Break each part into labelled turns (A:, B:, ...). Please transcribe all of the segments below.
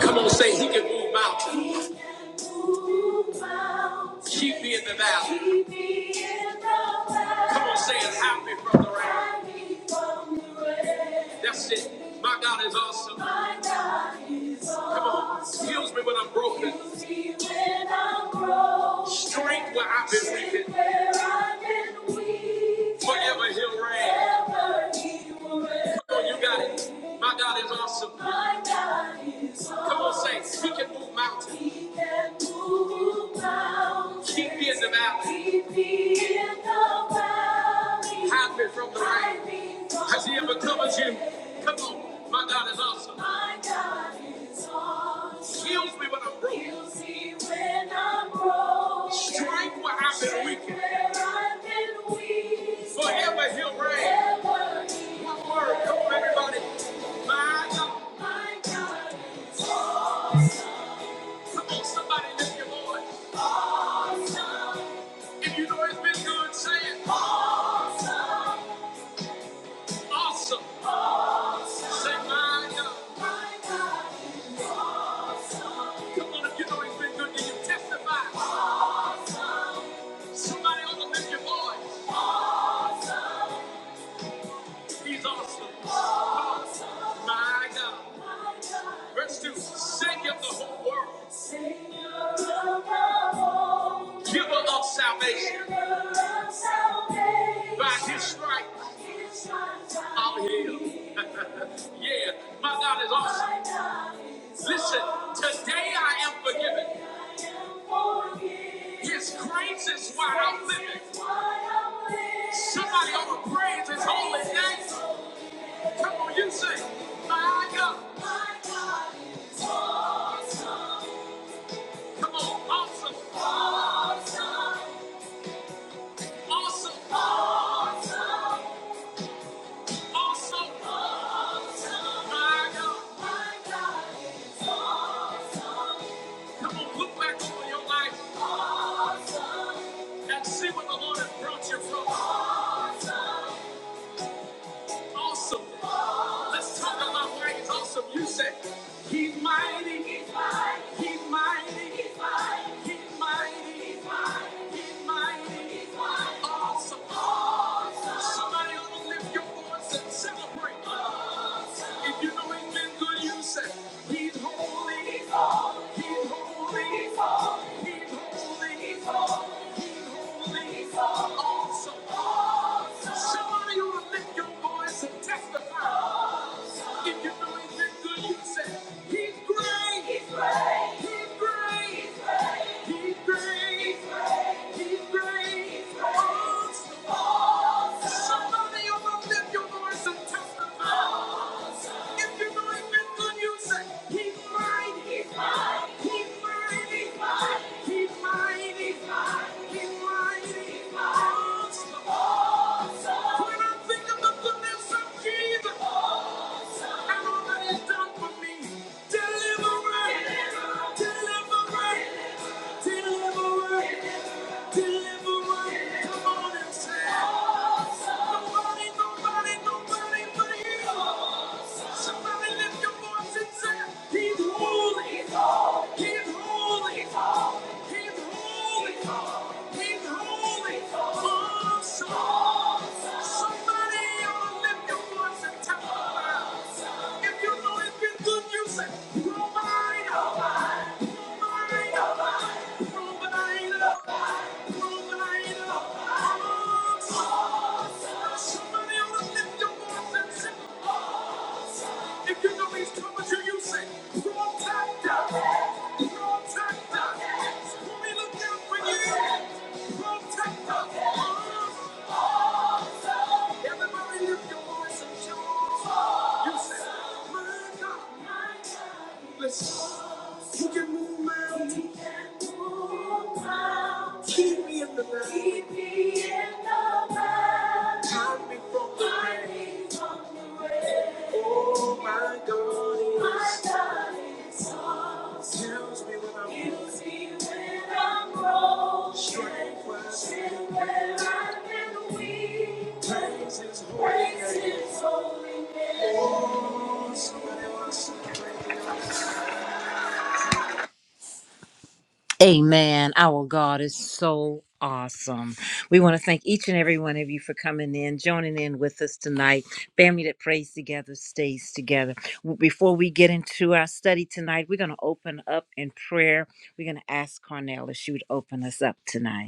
A: Come on, say he can move mountains. Keep me in the valley. Come on, say it. Hide me from the rain. That's it. My God is awesome. Come on. Heals me when I'm broken. Strength where I've been weakened. Forever he'll reign. Come on, you got it. My God is awesome awesome. My God is awesome. Come on, saints. He can move mountains. He can move mountains. Keep me in the valley. Keep me in the valley. Hide me from the rain. me Has he ever covered you? Come on. My God is awesome. My God is awesome. Heals me when I'm broken. Heals me when I'm broken. Strength where I've been weakened. Where I've been weakened. Forever he'll reign. Forever he'll One word. Come on, everybody. My God. My God is awesome. Come on, somebody lift your voice. Awesome. If you know it's been good, say it. Awesome. Awesome. Say my God. My God is awesome. Come on, if you know it's been good, then you testify. Awesome. Somebody ought to lift your voice. He's awesome. My God. Verse 2 Savior of the whole world, giver of salvation. By his stripes, I'm healed. Yeah, my God is awesome. Listen, today I am forgiven. His grace is why I'm living. Somebody ought to praise his holy name. Come on, you sing. my God. my God is awesome. Come on, awesome. Awesome. Awesome. awesome. Awesome. My God. my God is. awesome. Come on, look back over your life and see where the Lord has brought you from. Awesome. Let's talk about why he's awesome. You say, He's mighty. He's mighty. He's mighty. He's mighty. He's mighty. He's mighty. He's mighty. He's mighty. Awesome. Somebody ought to lift your voice and celebrate. If you know he's been good, you say, He's holy. He's holy. He's holy. He's holy. He's holy. He's holy. He's holy. He's holy. Awesome. Somebody ought to lift your voice and testify. If you know he's been good, you can say, He's great. He's great. He's great. He's great. He's great. He's great. Oh, somebody ought to lift your voice and testify. If you know he's been good, you say, He's mighty. He's mighty. He's mighty. He's mighty. He's mighty. He's mighty. Oh, when I think of the goodness of Jesus. I done for me. Deliverance, deliverance, deliverance, deliverance. Come on and say, nobody, nobody, nobody but you. Somebody lift your voice and say, He's holy, He's holy, He's holy. He's holy. He's holy. Awesome. Somebody ought lift your voice and tell him If you know it's been good music, provide. Provide. Provide. Provide. Provide. Awesome. Somebody ought to lift your voice and sing if you know these commas, you say, protector. Protector. When we look out for you, protector. Everybody lift your voice and shout. You say, my God, my God. Listen, you can move mountains. You can move mountains. Keep me in the night. Keep me in the night. Hide me from the Hide rain. me from the rain. Oh, my God is. My God is. all. Heals me when I'm Heals me when I'm broken. Strength where I've been weak. Praise His holy Praise name. Praise His holy name. Oh, somebody wants to praise Him. Amen. Our God is so awesome. We want to thank each and every one of you for coming in, joining in with us tonight. Family that prays together stays together. W- Before we get into our study tonight, we're going to open up in prayer. We're going to ask Cornell if she would open us up tonight.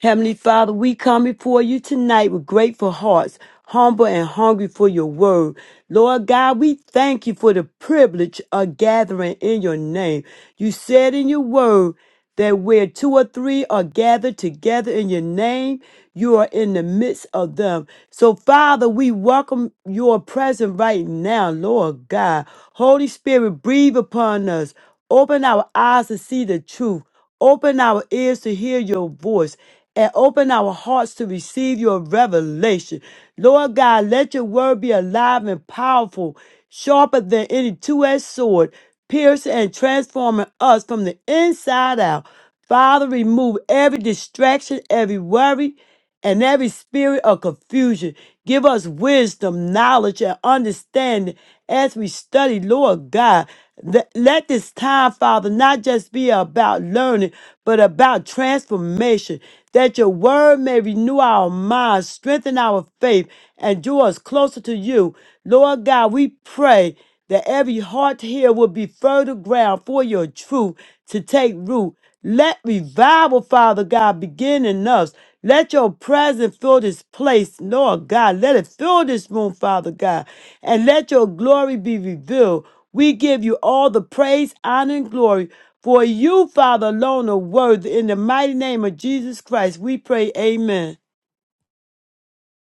B: Heavenly Father, we come before you tonight with grateful hearts, humble and hungry for your word. Lord God, we thank you for the privilege of gathering in your name. You said in your word that where two or three are gathered together in your name, you are in the midst of them. So, Father, we welcome your presence right now, Lord God. Holy Spirit, breathe upon us. Open our eyes to see the truth. Open our ears to hear your voice. And open our hearts to receive your revelation. Lord God, let your word be alive and powerful, sharper than any two edged sword, piercing and transforming us from the inside out. Father, remove every distraction, every worry and every spirit of confusion. Give us wisdom, knowledge, and understanding as we study, Lord God. Let let this time, Father, not just be about learning, but about transformation, that your word may renew our minds, strengthen our faith, and draw us closer to you. Lord God, we pray that every heart here will be fertile ground for your truth to take root. Let revival, Father God, begin in us. Let your presence fill this place, Lord God. Let it fill this room, Father God. And let your glory be revealed. We give you all the praise, honor, and glory. For you, Father, alone are worthy. In the mighty name of Jesus Christ, we pray, Amen.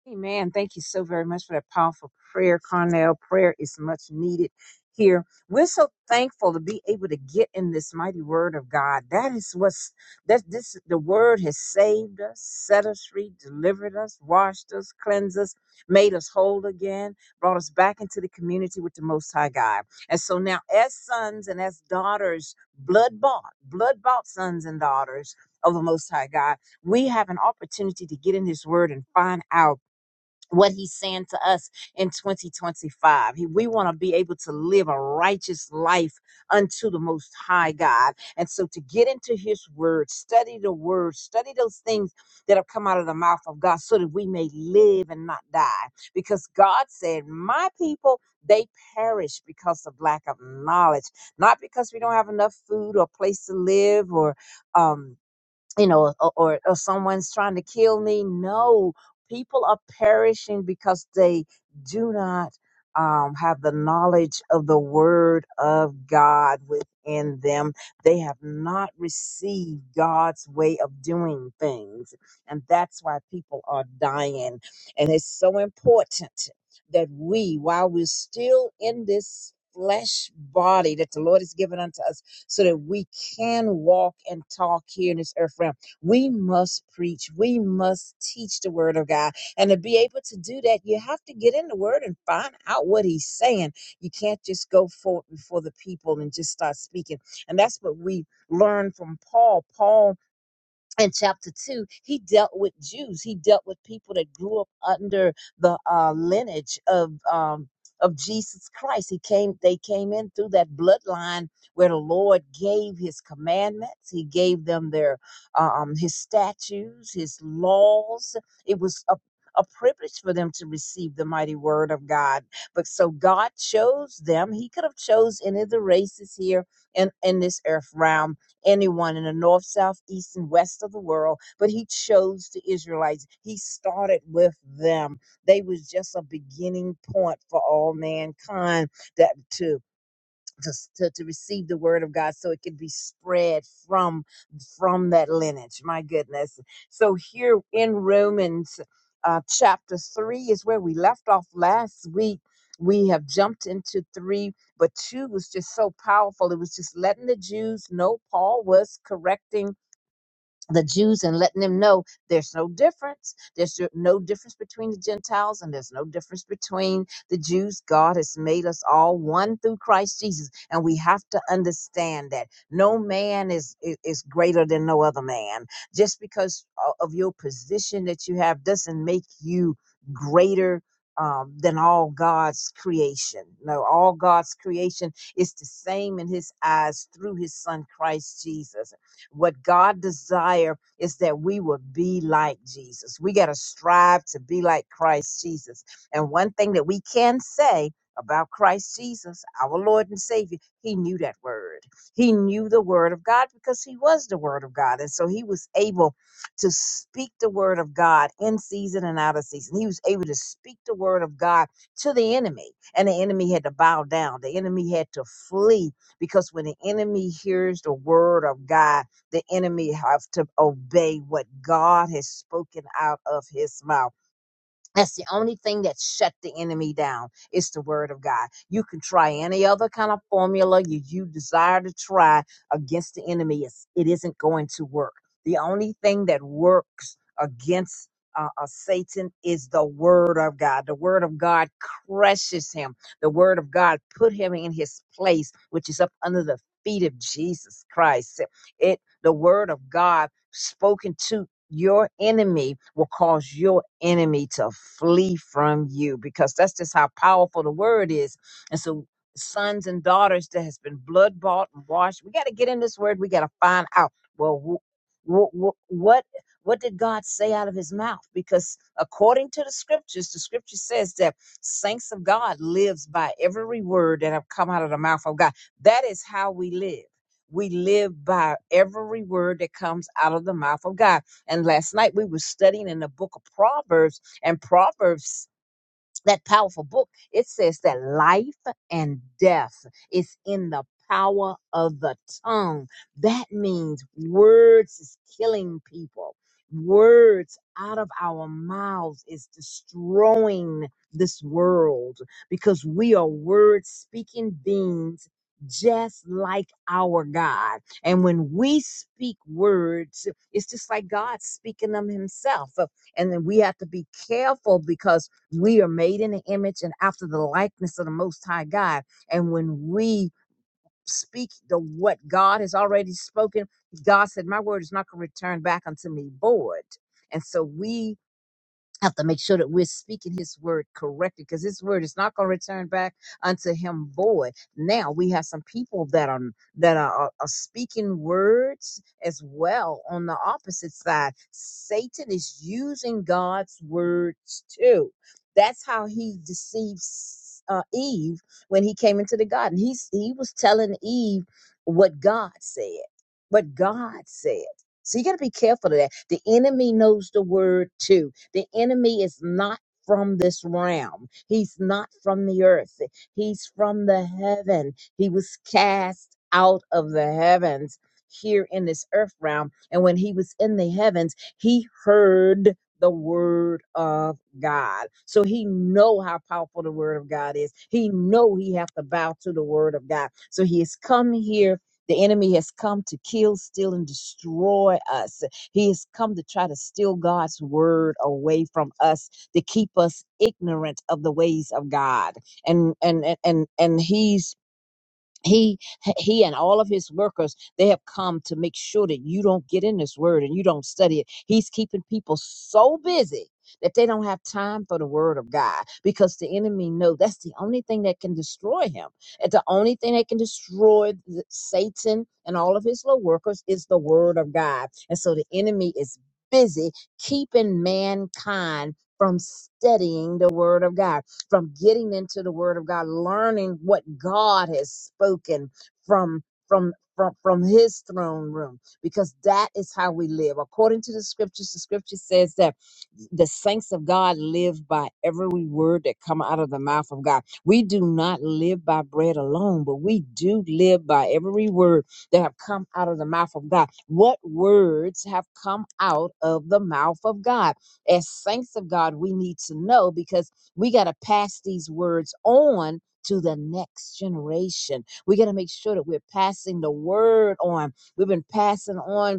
C: Amen. Thank you so very much for that powerful prayer, Carnell. Prayer is much needed here. We're so thankful to be able to get in this mighty word of God. That is what's that this the word has saved us, set us free, delivered us, washed us, cleansed us, made us whole again, brought us back into the community with the most high God. And so now as sons and as daughters, blood bought, blood bought sons and daughters of the most high God, we have an opportunity to get in his word and find out what he's saying to us in 2025. He- We want to be able to live a righteous life unto the Most High God. And so to get into his word, study the word, study those things that have come out of the mouth of God so that we may live and not die. Because God said, My people, they perish because of lack of knowledge, not because we don't have enough food or place to live or, um, you know, or, or, or someone's trying to kill me. No, people are perishing because they do not um, have the knowledge of the Word of God within them. They have not received God's way of doing things. And that's why people are dying. And it's so important that we, while we're still in this flesh body that the Lord has given unto us, so that we can walk and talk here in this earth realm, we must preach. We must teach the word of God. And to be able to do that, you have to get in the word and find out what he's saying. You can't just go forth before the people and just start speaking. And that's what we learned from Paul. Paul in chapter 2 he dealt with jews he dealt with people that grew up under the uh, lineage of um, of jesus christ he came they came in through that bloodline where the lord gave his commandments he gave them their um, his statutes his laws it was a a privilege for them to receive the mighty word of God. But so God chose them. He could have chose any of the races here in, in this earth realm anyone in the north, south, east, and west of the world, but he chose the Israelites. He started with them. They was just a beginning point for all mankind that to to, to, to receive the word of God so it can be spread from from that lineage. My goodness. So here in Romans uh, chapter 3 is where we left off last week. We have jumped into 3, but 2 was just so powerful. It was just letting the Jews know Paul was correcting the Jews and letting them know there's no difference. There's no no difference between the Gentiles and there's no difference between the Jews. God has made us all one through Christ Jesus. And we have to understand that no man is, i- is greater than no other man. Just because o- of your position that you have doesn't make you greater. Um, than all God's creation. No, all God's creation is the same in His eyes through His Son Christ Jesus what God desire is that we would be like Jesus. We got to strive to be like Christ Jesus. And one thing that we can say about Christ Jesus, our Lord and Savior, he knew that word. He knew the word of God because he was the word of God. And so he was able to speak the word of God in season and out of season. He was able to speak the word of God to the enemy, and the enemy had to bow down. The enemy had to flee because when the enemy hears the word of God, the enemy have to obey what God has spoken out of his mouth. That's the only thing that shut the enemy down. It's the word of God. You can try any other kind of formula you, you desire to try against the enemy. It's, it isn't going to work. The only thing that works against uh, uh, Satan is the word of God. The word of God crushes him. The word of God put him in his place, which is up under the feet of Jesus Christ It. The word of God spoken to your enemy will cause your enemy to flee from you because that's just how powerful the word is. And so sons and daughters that has been blood bought and washed, we got to get in this word. We got to find out, well, wh- wh- wh- what, what did God say out of his mouth? Because according to the scriptures, the scripture says that saints of God lives by every word that have come out of the mouth of God. That is how we live. We live by every word that comes out of the mouth of God. And last night we were studying in the book of Proverbs, and Proverbs that powerful book, it says that life and death is in the power of the tongue. That means words is killing people. Words out of our mouths is destroying this world because we are word speaking beings just like our God. And when we speak words, it's just like God speaking them himself. And then we have to be careful because we are made in the image and after the likeness of the most high god and when we speak the what god has already spoken god said my word is not going to return back unto me void and so we have to make sure that we're speaking his word correctly because his word is not going to return back unto him void now we have some people that are that are, are are speaking words as well on the opposite side satan is using god's words too that's how he deceives uh, eve when he came into the garden he's he was telling eve what god said what god said so you got to be careful of that. The enemy knows the word too. The enemy is not from this realm. He's not from the earth. He's from the heaven. He was cast out of the heavens here in this earth realm. And when he was in the heavens, he heard the word of God. So he know how powerful the word of God is. He know he have to bow to the word of God. So he has come here the enemy has come to kill, steal, and destroy us. He has come to try to steal God's word away from us to keep us ignorant of the ways of God. And and and and, and he's he he and all of his workers they have come to make sure that you don't get in this word and you don't study it he's keeping people so busy that they don't have time for the word of god because the enemy knows that's the only thing that can destroy him and the only thing that can destroy the- satan and all of his little workers is the word of god and so the enemy is busy keeping mankind from studying the word of god from getting into the word of God, learning what God has spoken from from from, from his throne room because that is how we live according to the scriptures the scripture says that the saints of god live by every word that come out of the mouth of god we do not live by bread alone but we do live by every word that have come out of the mouth of god what words have come out of the mouth of god as saints of god we need to know because we got to pass these words on to the next generation. We got to make sure that we're passing the word on. We've been passing on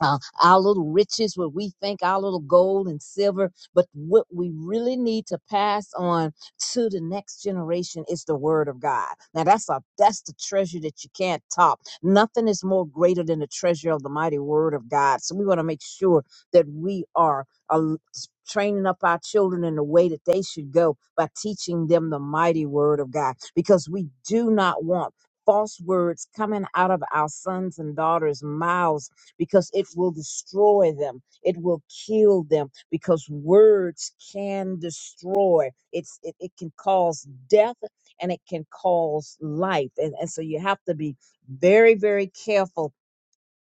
C: uh, our little riches, what we think our little gold and silver, but what we really need to pass on to the next generation is the word of God. Now that's a that's the treasure that you can't top. Nothing is more greater than the treasure of the mighty word of God. So we want to make sure that we are uh, training up our children in the way that they should go by teaching them the mighty word of God, because we do not want false words coming out of our sons and daughters' mouths because it will destroy them. It will kill them because words can destroy. It's it, it can cause death and it can cause life. And, and so you have to be very, very careful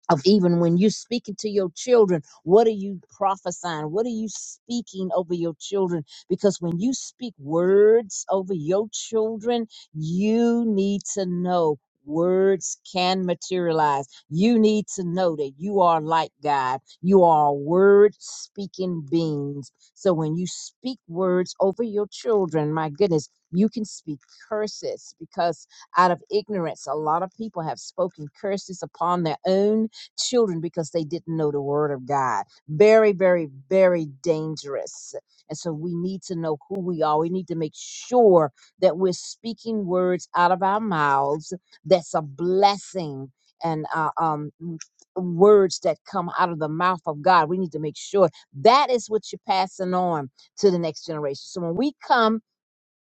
C: of even when you're speaking to your children, what are you prophesying? What are you speaking over your children? Because when you speak words over your children, you need to know words can materialize. You need to know that you are like God. You are word speaking beings. So when you speak words over your children, my goodness, you can speak curses because out of ignorance, a lot of people have spoken curses upon their own children because they didn't know the word of God. Very, very, very dangerous. And so we need to know who we are. We need to make sure that we're speaking words out of our mouths that's a blessing and uh, um, m- words that come out of the mouth of God. We need to make sure that is what you're passing on to the next generation. So when we come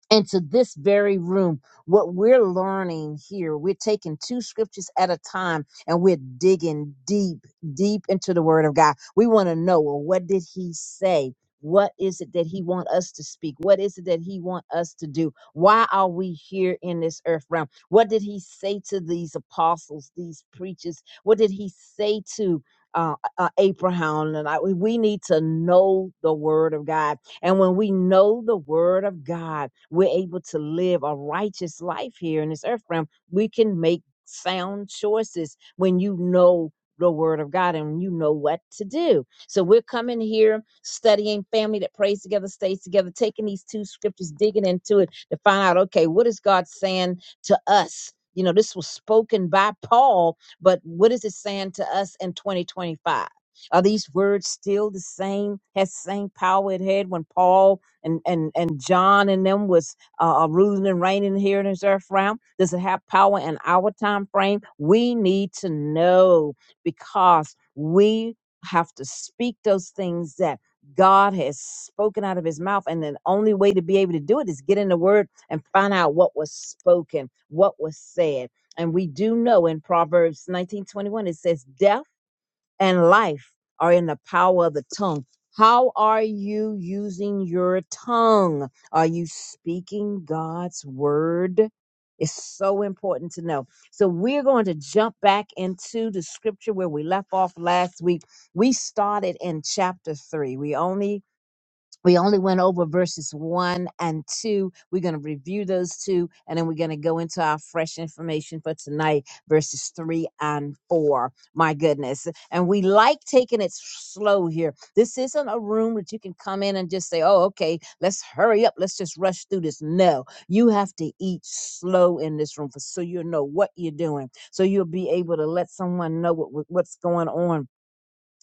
C: into this very room. What we're learning here, we're taking two scriptures at a time and we're digging deep, deep into the word of God. We want to know, well, what did he say? What is it that he want us to speak? What is it that he want us to do? Why are we here in this earth realm? What did he say to these apostles, these preachers? What did he say to uh, uh, Abraham? And I, we we need to know the word of God and when we know the word of God, we're able to live a righteous life here in this earth realm. We can make sound choices when you know the word of God and you know what to do. So we're coming here studying family that prays together, stays together, taking these two scriptures, digging into it to find out, okay, what is God saying to us? You know, this was spoken by Paul, but what is it saying to us in 2025? Are these words still the same? Has same power it had when Paul and and and John and them was uh, uh, ruling and reigning here in this earth realm? Does it have power in our time frame? We need to know because we have to speak those things that God has spoken out of his mouth. And the only way to be able to do it is get in the word and find out what was spoken, what was said. And we do know in Proverbs 19:21 it says, Death and life are in the power of the tongue. How are you using your tongue? Are you speaking God's word? It's so important to know. So, we're going to jump back into the scripture where we left off last week. We started in chapter three. We only we only went over verses one and two. We're going to review those two, and then we're going to go into our fresh information for tonight, verses three and four. My goodness. And we like taking it slow here. This isn't a room that you can come in and just say, oh, okay, let's hurry up. Let's just rush through this. No, you have to eat slow in this room for, so you'll know what you're doing. So you'll be able to let someone know what, what- what's going on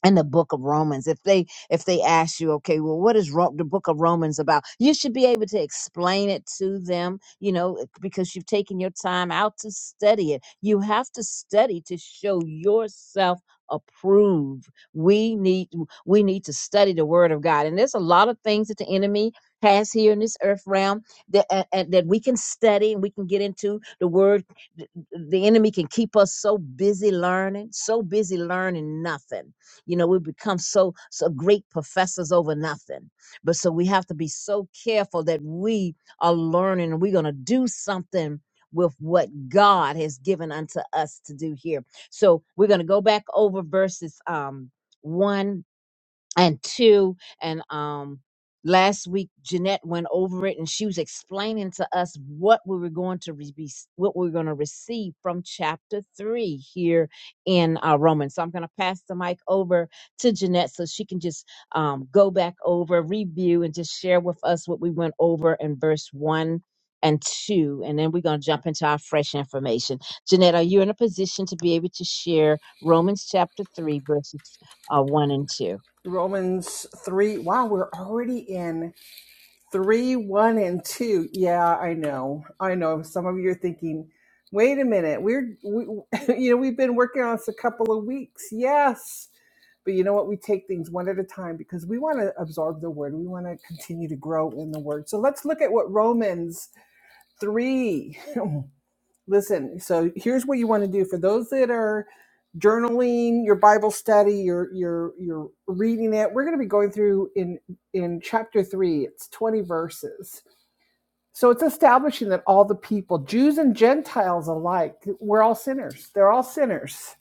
C: in the book of Romans. If they if they ask you, okay, well, what is Ro- the book of Romans about? You should be able to explain it to them, you know, it- because you've taken your time out to study it. You have to study to show yourself approved. We need we need to study the word of God. And there's a lot of things that the enemy has here in this earth realm that uh, uh, that we can study and we can get into the word the the enemy can keep us so busy learning so busy learning nothing you know, we become so so great professors over nothing. But so we have to be so careful that we are learning and we're gonna do something with what God has given unto us to do here. So we're gonna go back over verses um one and two and um last week Jeanette went over it and she was explaining to us what we were going to re- be what we are going to receive from chapter 3 here in uh, Romans. So I'm going to pass the mic over to Jeanette so she can just um, go back over, review and just share with us what we went over in verse 1 and 2 and then we're going to jump into our fresh information. Jeanette, are you in a position to be able to share Romans chapter 3 verses uh, 1 and 2?
D: Romans 3. Wow, we're already in 3, 1, and 2. Yeah, I know. I know. Some of you are thinking, wait a minute. We're, we, you know, we've been working on this a couple of weeks. Yes. But you know what? We take things one at a time because we want to absorb the word. We want to continue to grow in the word. So let's look at what Romans 3 listen so here's what you want to do for those that are journaling your bible study you're you're you're reading it we're going to be going through in in chapter 3 it's 20 verses so it's establishing that all the people jews and gentiles alike we're all sinners they're all sinners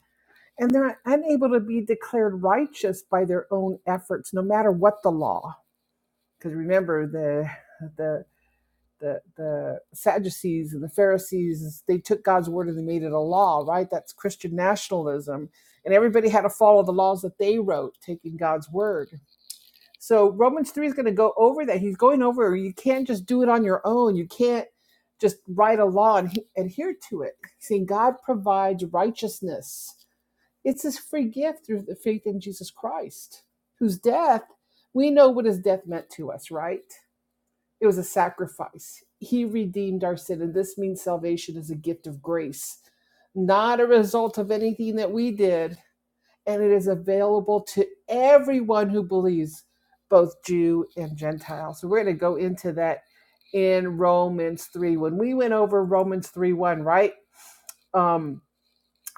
D: and they're unable to be declared righteous by their own efforts no matter what the law because remember the the the the Sadducees and the Pharisees, they took God's word and they made it a law, right? That's Christian nationalism. And everybody had to follow the laws that they wrote, taking God's word. So Romans 3 is going to go over that. He's going over you can't just do it on your own. You can't just write a law and adhere to it. Seeing God provides righteousness. It's his free gift through the faith in Jesus Christ, whose death we know what his death meant to us, right? It was a sacrifice. He redeemed our sin, and this means salvation is a gift of grace, not a result of anything that we did. And it is available to everyone who believes, both Jew and Gentile. So we're going to go into that in Romans 3. When we went over Romans 3 1, right? Um,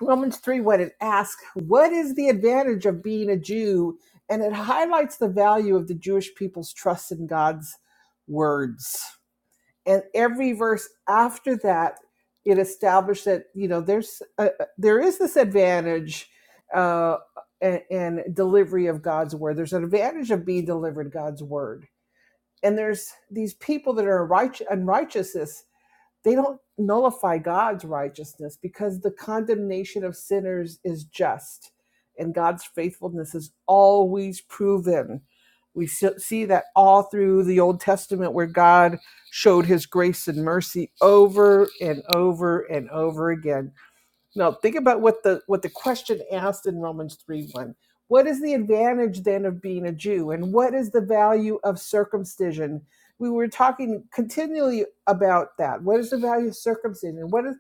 D: Romans 3 1, it asks, What is the advantage of being a Jew? And it highlights the value of the Jewish people's trust in God's words and every verse after that it established that you know there's a, there is this advantage uh and, and delivery of god's word there's an advantage of being delivered god's word and there's these people that are righteous unrighteousness they don't nullify God's righteousness because the condemnation of sinners is just and God's faithfulness is always proven. We see that all through the Old Testament where God showed his grace and mercy over and over and over again. Now think about what the what the question asked in Romans 3 1. What is the advantage then of being a Jew? And what is the value of circumcision? We were talking continually about that. What is the value of circumcision? What is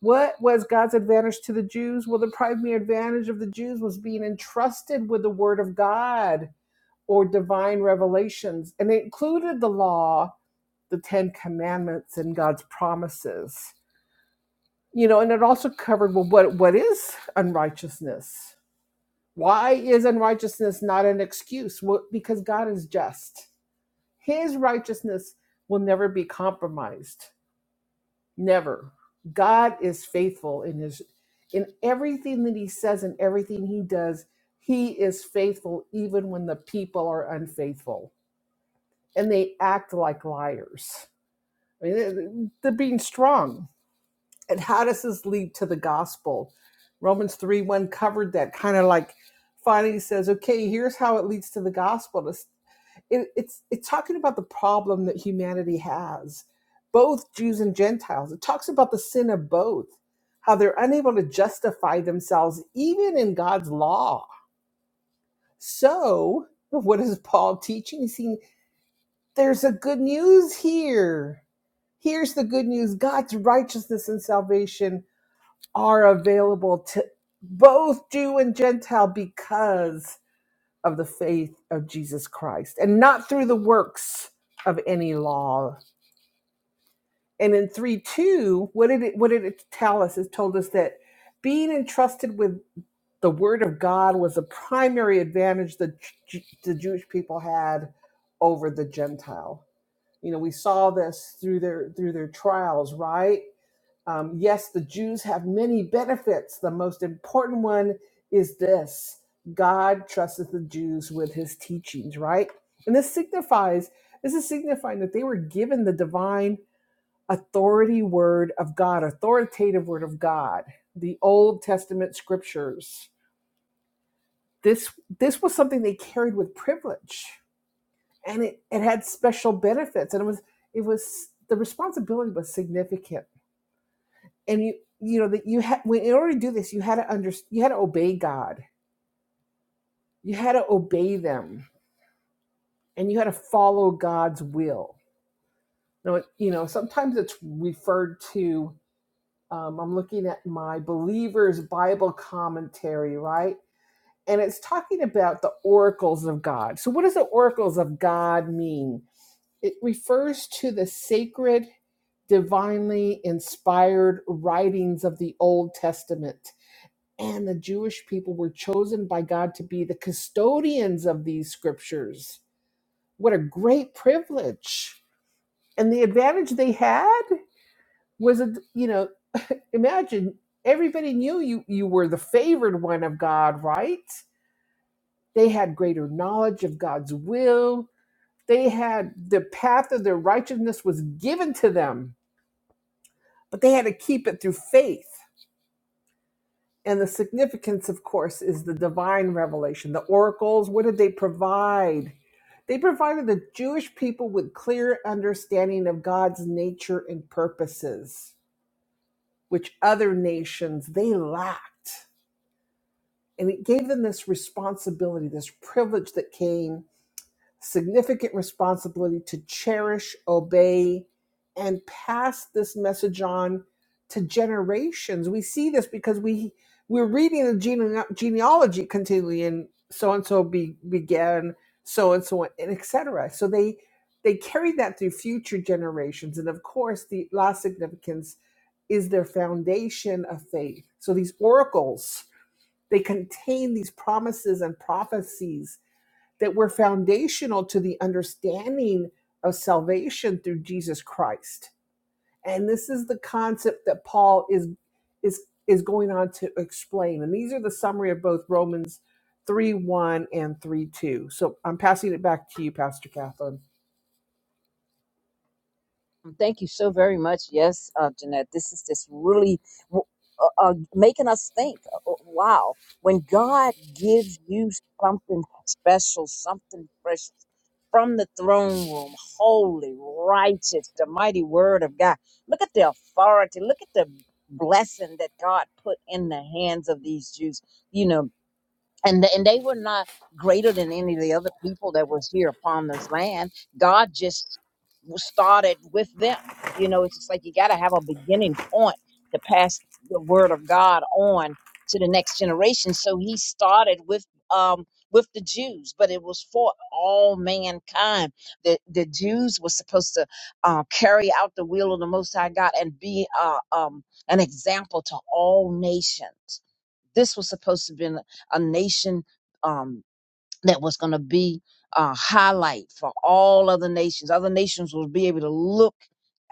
D: what was God's advantage to the Jews? Well, the primary advantage of the Jews was being entrusted with the word of God or divine revelations. And it included the law, the Ten Commandments, and God's promises you know and it also covered well what what is unrighteousness why is unrighteousness not an excuse well, because god is just his righteousness will never be compromised never god is faithful in his in everything that he says and everything he does he is faithful even when the people are unfaithful and they act like liars I mean, they're being strong And how does this lead to the gospel? Romans 3 1 covered that kind of like finally says, okay, here's how it leads to the gospel. It's, it, it's, it's talking about the problem that humanity has, both Jews and Gentiles. It talks about the sin of both, how they're unable to justify themselves even in God's law. So, what is Paul teaching? He's saying, there's a good news here. Here's the good news God's righteousness and salvation are available to both Jew and Gentile because of the faith of Jesus Christ and not through the works of any law. And in 3 2, what did it, what did it tell us? It told us that being entrusted with the word of God was a primary advantage that J- the Jewish people had over the Gentile. You know, we saw this through their through their trials, right? Um, yes, the Jews have many benefits. The most important one is this God trusted the Jews with his teachings, right? And this signifies, this is signifying that they were given the divine authority word of God, authoritative word of God, the Old Testament scriptures. This this was something they carried with privilege. And it, it had special benefits. And it was it was the responsibility was significant and you you know that you had when in order to do this you had to under you had to obey god you had to obey them and you had to follow god's will now you know sometimes it's referred to um, i'm looking at my believers bible commentary right and it's talking about the oracles of god so what does the oracles of god mean it refers to the sacred divinely inspired writings of the old testament and the Jewish people were chosen by God to be the custodians of these scriptures. What a great privilege. And the advantage they had was, a, you know, imagine everybody knew you, you were the favored one of God, right? They had greater knowledge of God's will. They had the path of their righteousness was given to them, but they had to keep it through faith. And the significance, of course, is the divine revelation. The oracles, what did they provide? They provided the Jewish people with clear understanding of God's nature and purposes, which other nations they lacked. And it gave them this responsibility, this privilege that came significant responsibility to cherish, obey, and pass this message on to generations. We see this because we we're reading the gene- genealogy continually, and so and so began, so and so, and etc. So they they carried that through future generations, and of course, the last significance is their foundation of faith. So these oracles they contain these promises and prophecies that were foundational to the understanding of salvation through Jesus Christ. And this is the concept that Paul is is is going on to explain. And these are the summary of both Romans 3 1 and 3 2. So I'm passing it back to you, Pastor Catherine.
C: Um, Thank you so very much. Yes, uh, Jeanette, this is just really w- uh, uh, making us think. Uh, uh, Wow. When God gives you something special, something fresh from the throne room, holy, righteous, the mighty word of God, look at the authority, look at the blessing that God put in the hands of these Jews. You know, and th- and they were not greater than any of the other people that was here upon this land. God just w- started with them. You know, it's just like you got to have a beginning point to pass the word of God on to the next generation. So he started with um with the Jews, but it was for all mankind. The the Jews were supposed to uh, carry out the will of the Most High God and be uh, um an example to all nations this was supposed to be a nation um, that was going to be a highlight for all other nations. Other nations will be able to look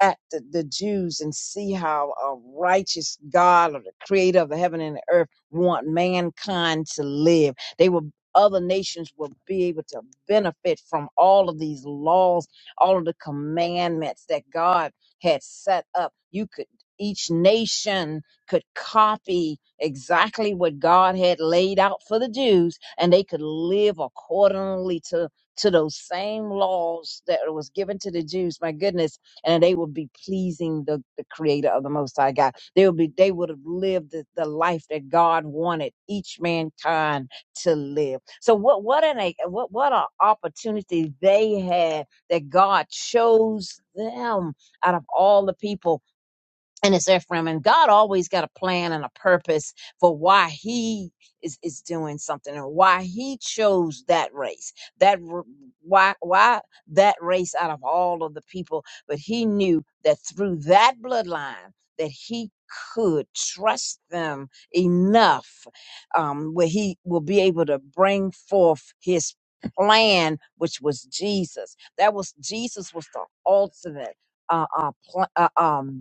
C: at the, the Jews and see how a righteous God or the creator of the heaven and the earth want mankind to live. They will other nations will be able to benefit from all of these laws, all of the commandments that God had set up. You could each nation could copy exactly what God had laid out for the Jews, and they could live accordingly to to those same laws that was given to the Jews. My goodness, and they would be pleasing the, the Creator of the Most High God. They would be they would have lived the, the life that God wanted each mankind to live. So what what an a what what an opportunity they had that God chose them out of all the people and it's Ephraim. And God always got a plan and a purpose for why He is, is doing something and why He chose that race. That r- why why that race out of all of the people, but He knew that through that bloodline that He could trust them enough um, where He will be able to bring forth His plan, which was Jesus. That was Jesus was the ultimate uh, uh, pl- uh, um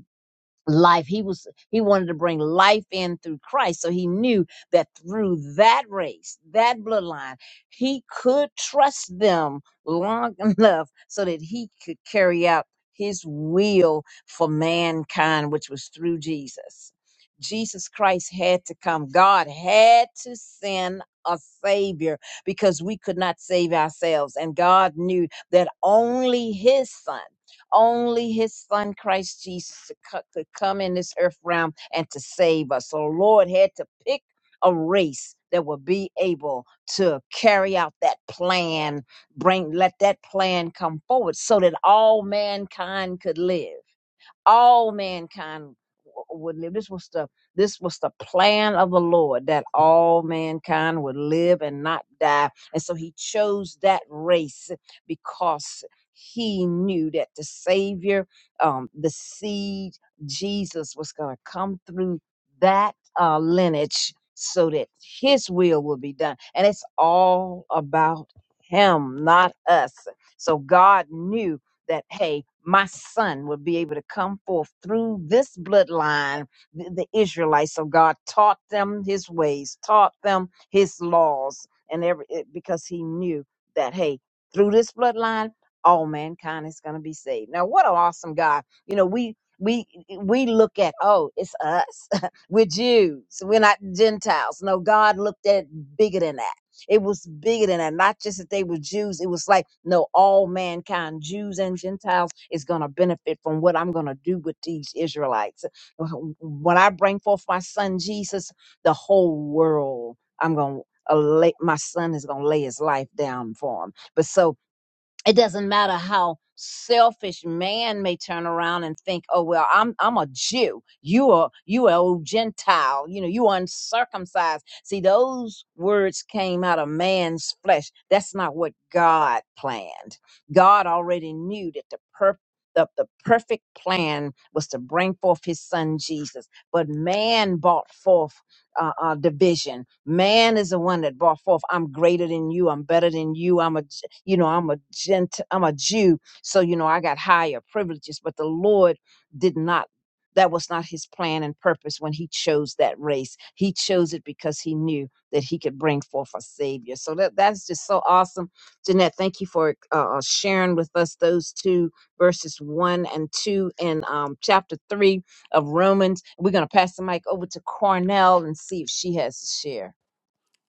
C: life he was he wanted to bring life in through christ so he knew that through that race that bloodline he could trust them long enough so that he could carry out his will for mankind which was through jesus jesus christ had to come god had to send a savior because we could not save ourselves and god knew that only his son only his son, Christ Jesus, to co- could come in this earth realm and to save us. So, Lord had to pick a race that would be able to carry out that plan, bring, let that plan come forward so that all mankind could live all mankind would live. This was the this was the plan of the Lord that all mankind would live and not die. And so he chose that race because he knew that the Savior, um, the seed, Jesus was going to come through that uh, lineage so that his will will be done. And it's all about him, not us. So God knew that, hey, my son would be able to come forth through this bloodline. The, the Israelites So God taught them his ways, taught them his laws, and every it- because he knew that, hey, through this bloodline, all mankind is going to be saved. Now, what an awesome God! You know, we we eh, we look at oh, it's us. We're Jews. We're not Gentiles. No, God looked at it bigger than that. It was bigger than that. Not just that they were Jews. It was like, no, all mankind, Jews and Gentiles, is going to benefit from what I'm going to do with these Israelites. When I bring forth my son Jesus, the whole world, I'm going to. My son is going to lay his life down for him. But so it doesn't matter how selfish man may turn around and think oh well i'm i'm a jew you are you are a gentile you know you are uncircumcised see those words came out of man's flesh that's not what god planned god already knew that the perp the, the perfect plan was to bring forth his son jesus but man brought forth uh, uh, division. Man is the one that brought forth, "I'm greater than you. I'm better than you. I'm a, J- you know, I'm a gent, I'm a Jew. So you know, I got higher privileges." But the Lord did not. That was not His plan and purpose when He chose that race. He chose it because He knew that He could bring forth a Savior. So that that's just so awesome, Jeanette. Thank you for uh, uh, sharing with us those two verses one and two in um, chapter three of Romans. We're going to pass the mic over to Cornell and see if she has a share.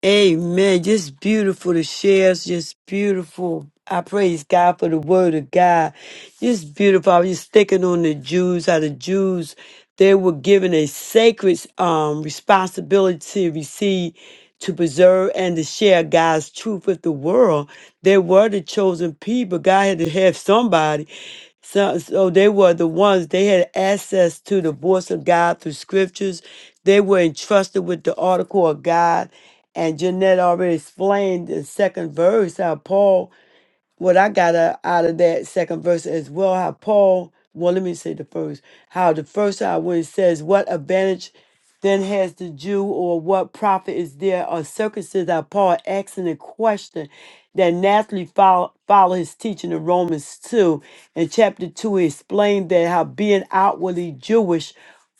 B: Amen. Just beautiful to share. It's Just beautiful. I praise God for the word of God. Just beautiful. I was just thinking on the Jews, how the Jews, they were given a sacred um, responsibility to receive, to preserve, and to share God's truth with the world. They were the chosen people. God had to have somebody. So, so they were the ones, they had access to the voice of God through scriptures. They were entrusted with the article of God. And Jeanette already explained the second verse how Paul what I got uh, out of that second verse as well, how Paul, well, let me say the first, how the first hour when it says, What advantage then has the Jew, or what profit is there or circumstances? How Paul asking a question that naturally follow, follow his teaching in Romans 2. In chapter 2, he explained that how being outwardly Jewish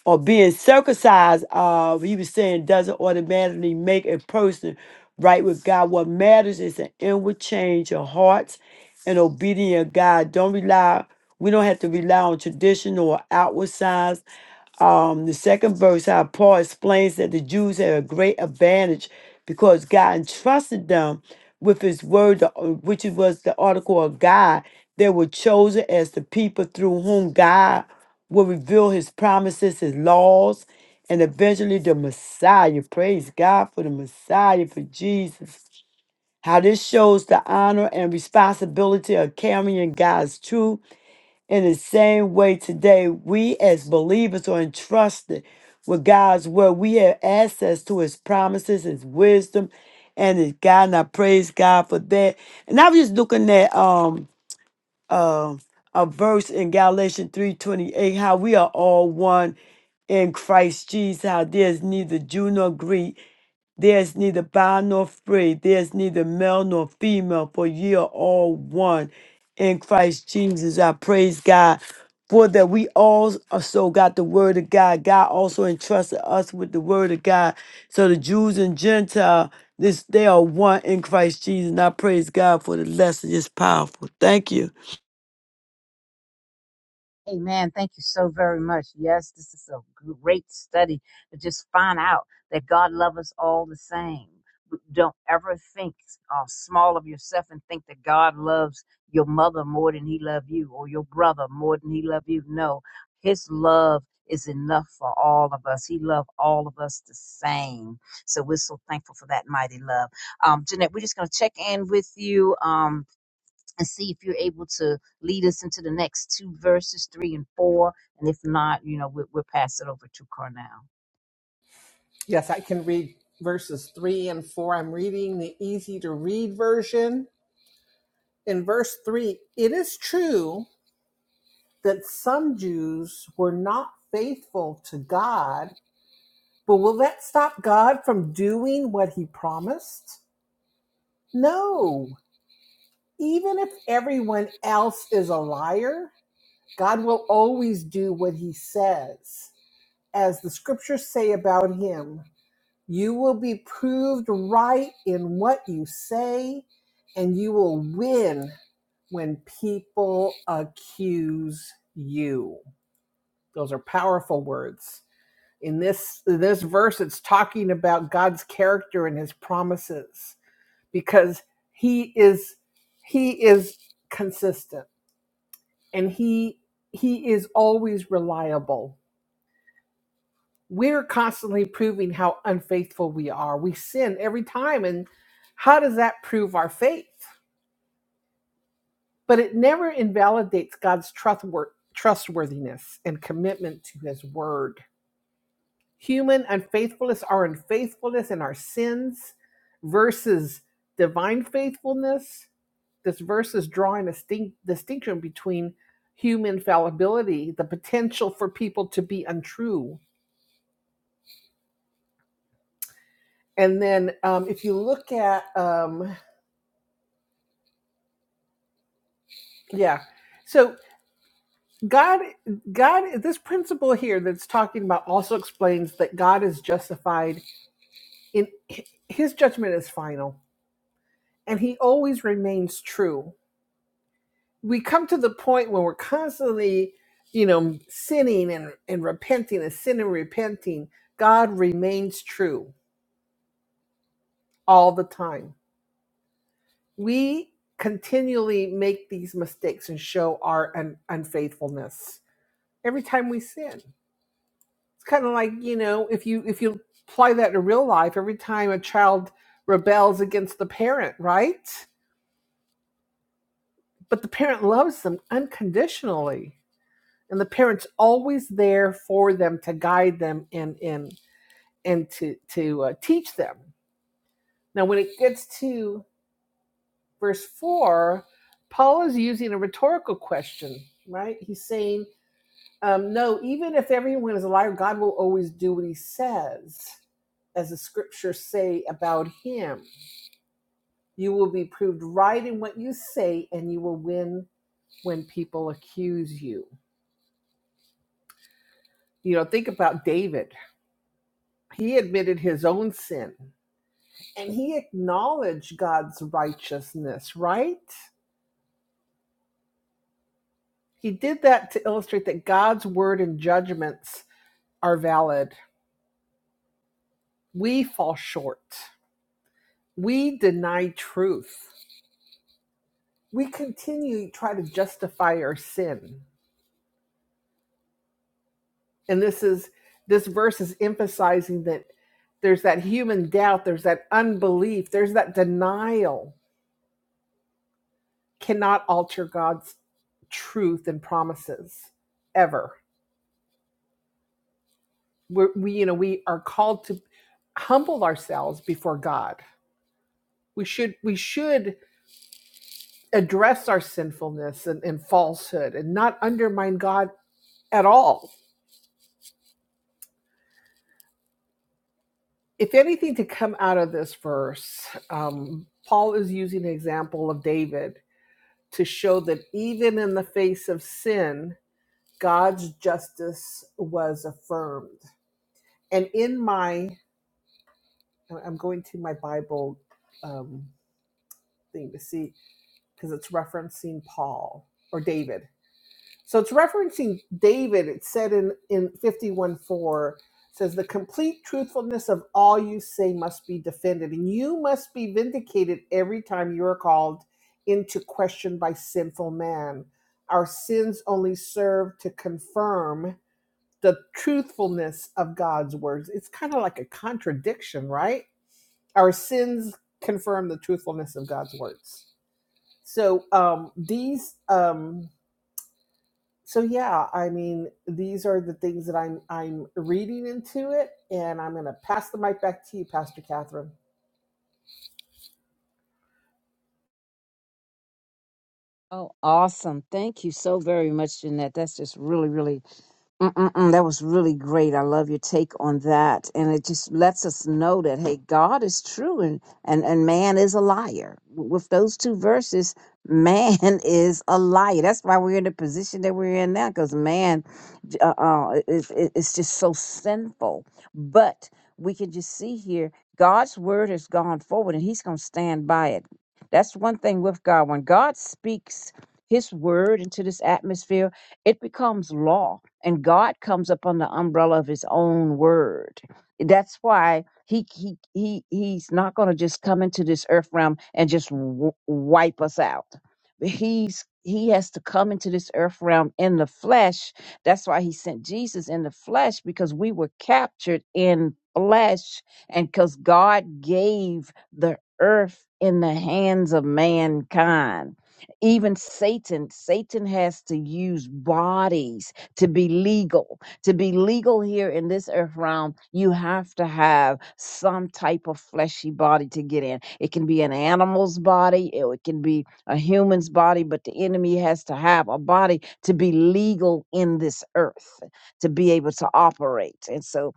B: or being circumcised, uh, he was saying, doesn't automatically make a person right with God. What matters is an inward change of hearts and obedience of God. Don't rely, we don't have to rely on tradition or outward signs. Um, the second verse, how Paul explains that the Jews had a great advantage because God entrusted them with his word, the- uh, which was the article of God. They were chosen as the people through whom God will reveal his promises, his laws, and eventually the Messiah. Praise God for the Messiah, for Jesus. How this shows the honor and responsibility of carrying God's truth in the same way today we as believers are entrusted with God's word. We have access to his promises, his wisdom, and his God. And I praise God for that. And I was just looking at um uh, a verse in Galatians 3:28, how we are all one in Christ Jesus, how there's neither Jew nor Greek, there's neither bond nor free, there's neither male nor female, for ye are all one in Christ Jesus. I praise God for that we all also got the word of God. God also entrusted us with the word of God. So the Jews and Gentile, this they are one in Christ Jesus. And I praise God for the lesson. It's powerful. Thank you.
C: Amen. Thank you so very much. Yes, this is a great study to just find out that God loves us all the same. Don't ever think uh, small of yourself and think that God loves your mother more than he loves you or your brother more than he loves you. No, his love is enough for all of us. He loved all of us the same. So we're so thankful for that mighty love. Um, Jeanette, we're just going to check in with you. Um, and see if you're able to lead us into the next two verses, three and four. And if not, you know, we'll, we'll pass it over to Carnell.
D: Yes, I can read verses 3 and 4. I'm reading the easy to read version. In verse 3, it is true that some Jews were not faithful to God But will that stop God from doing what he promised? No. Even if everyone else is a liar, God will always do what he says. As the scriptures say about him, you will be proved right in what you say, and you will win when people accuse you. Those are powerful words. in this in this verse it's talking about god's character and his promises because he is he is consistent and he he is always reliable we're constantly proving how unfaithful we are we sin every time and how does that prove our faith but it never invalidates god's trustwor- trustworthiness and commitment to his word human unfaithfulness, our unfaithfulness and our sins versus divine faithfulness. This verse is drawing a distinct, distinction between human fallibility, the potential for people to be untrue. And then um, if you look at, um, yeah, so God, God, this principle here that's talking about also explains that God is justified in his judgment is final and he always remains true we come to the point where we're constantly, you know, sinning and, and repenting and sinning and repenting, God remains true all the time. We continually make these mistakes and show our un- unfaithfulness every time we sin. It's kind of like, you know, if you if you apply that to real life, every time a child rebels against the parent, right? But the parent loves them unconditionally and the parents always there for them to guide them and and and to to uh, teach them now when it gets to verse 4 paul is using a rhetorical question right he's saying um, no even if everyone is a liar god will always do what he says as the scriptures say about him you will be proved right in what you say and you will win when people accuse you you know think about david he admitted his own sin And he acknowledged God's righteousness, right? He did that to illustrate that God's word and judgments are valid. We fall short. We deny truth. We continue to try to justify our sin. And this is this verse is emphasizing that there's that human doubt, there's that unbelief, there's that denial cannot alter God's truth and promises ever We're, we you know we are called to humble ourselves before God. We should we should address our sinfulness and, and falsehood and not undermine God at all. If anything to come out of this verse, um, Paul is using an example of David to show that even in the face of sin, God's justice was affirmed. And in my, I'm going to my Bible um, thing to see because it's referencing Paul or David. So it's referencing David. It's said in in 51 4 says the complete truthfulness of all you say must be defended and you must be vindicated every time you are called into question by sinful man. Our sins only serve to confirm the truthfulness of God's words. It's kind of like a contradiction, right? Our sins confirm the truthfulness of God's words so um these um so yeah i mean these are the things that i'm i'm reading into it and i'm going to pass the mic back to you pastor catherine
C: Oh, awesome. Thank you so very much, Jeanette. That's just really, really Mm-mm-mm, that was really great. I love your take on that. And it just lets us know that, hey, God is true and, and, and man is a liar. With those two verses, man is a liar. That's why we're in the position that we're in now, because man uh, uh, is, is is just so sinful. But we can just see here, God's word has gone forward and he's going to stand by it. That's one thing with God. When God speaks his word into this atmosphere, it becomes law and God comes up under the umbrella of His own word. That's why He He He He's not going to just come into this earth realm and just w- wipe us out. He's He has to come into this earth realm in the flesh. That's why He sent Jesus in the flesh because we were captured in flesh, and because God gave the earth in the hands of mankind even Satan, Satan has to use bodies to be legal. To be legal here in this earth realm, you have to have some type of fleshy body to get in. It can be an animal's body, it it can be a human's body, but the enemy has to have a body to be legal in this earth, to be able to operate. And so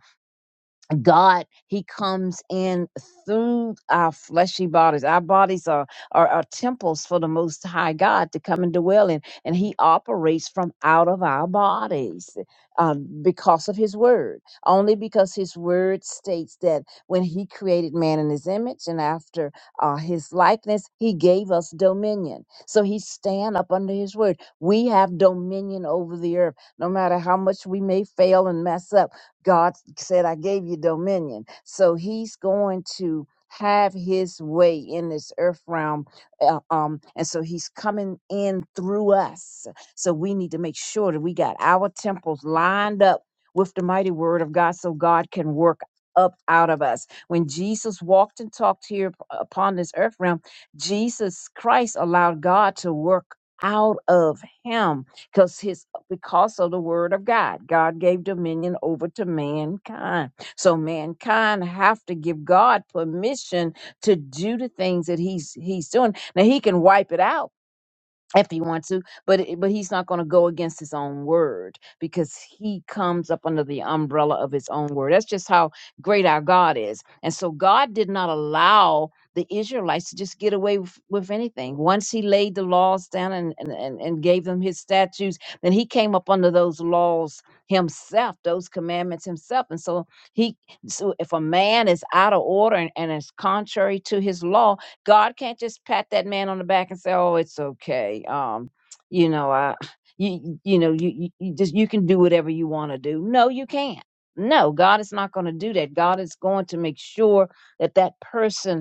C: God, He comes in through our fleshy bodies. Our bodies are, are, are temples for the Most High God to come and dwell in, and He operates from out of our bodies um, because of His Word. Only because His Word states that when He created man in His image and after uh, His likeness, He gave us dominion. So He stand up under His Word. We have dominion over the earth, no matter how much we may fail and mess up God said, I gave you dominion. So he's going to have his way in this earth realm. uh, um, and so he's coming in through us. So we need to make sure that we got our temples lined up with the mighty word of God so God can work up out of us. When Jesus walked and talked here up- upon this earth realm, Jesus Christ allowed God to work out of him because His out because of the word of God. God gave dominion over to mankind. So mankind have to give God permission to do the things that he's he's doing. Now he can wipe it out if he wants to but it- but he's not going to go against his own word because he comes up under the umbrella of his own word that's just how great our god is and so god did not allow the israelites to just get away with, with anything once he laid the laws down and, and and and gave them his statutes then he came up under those laws himself those commandments himself and so he so if a man is out of order and, and is contrary to his law God can't just pat that man on the back and say, "Oh, it's okay." Um, you know, I, you, you know, you, you you just you can do whatever you want to do. No, you can't. No, God is not going to do that. God is going to make sure that that person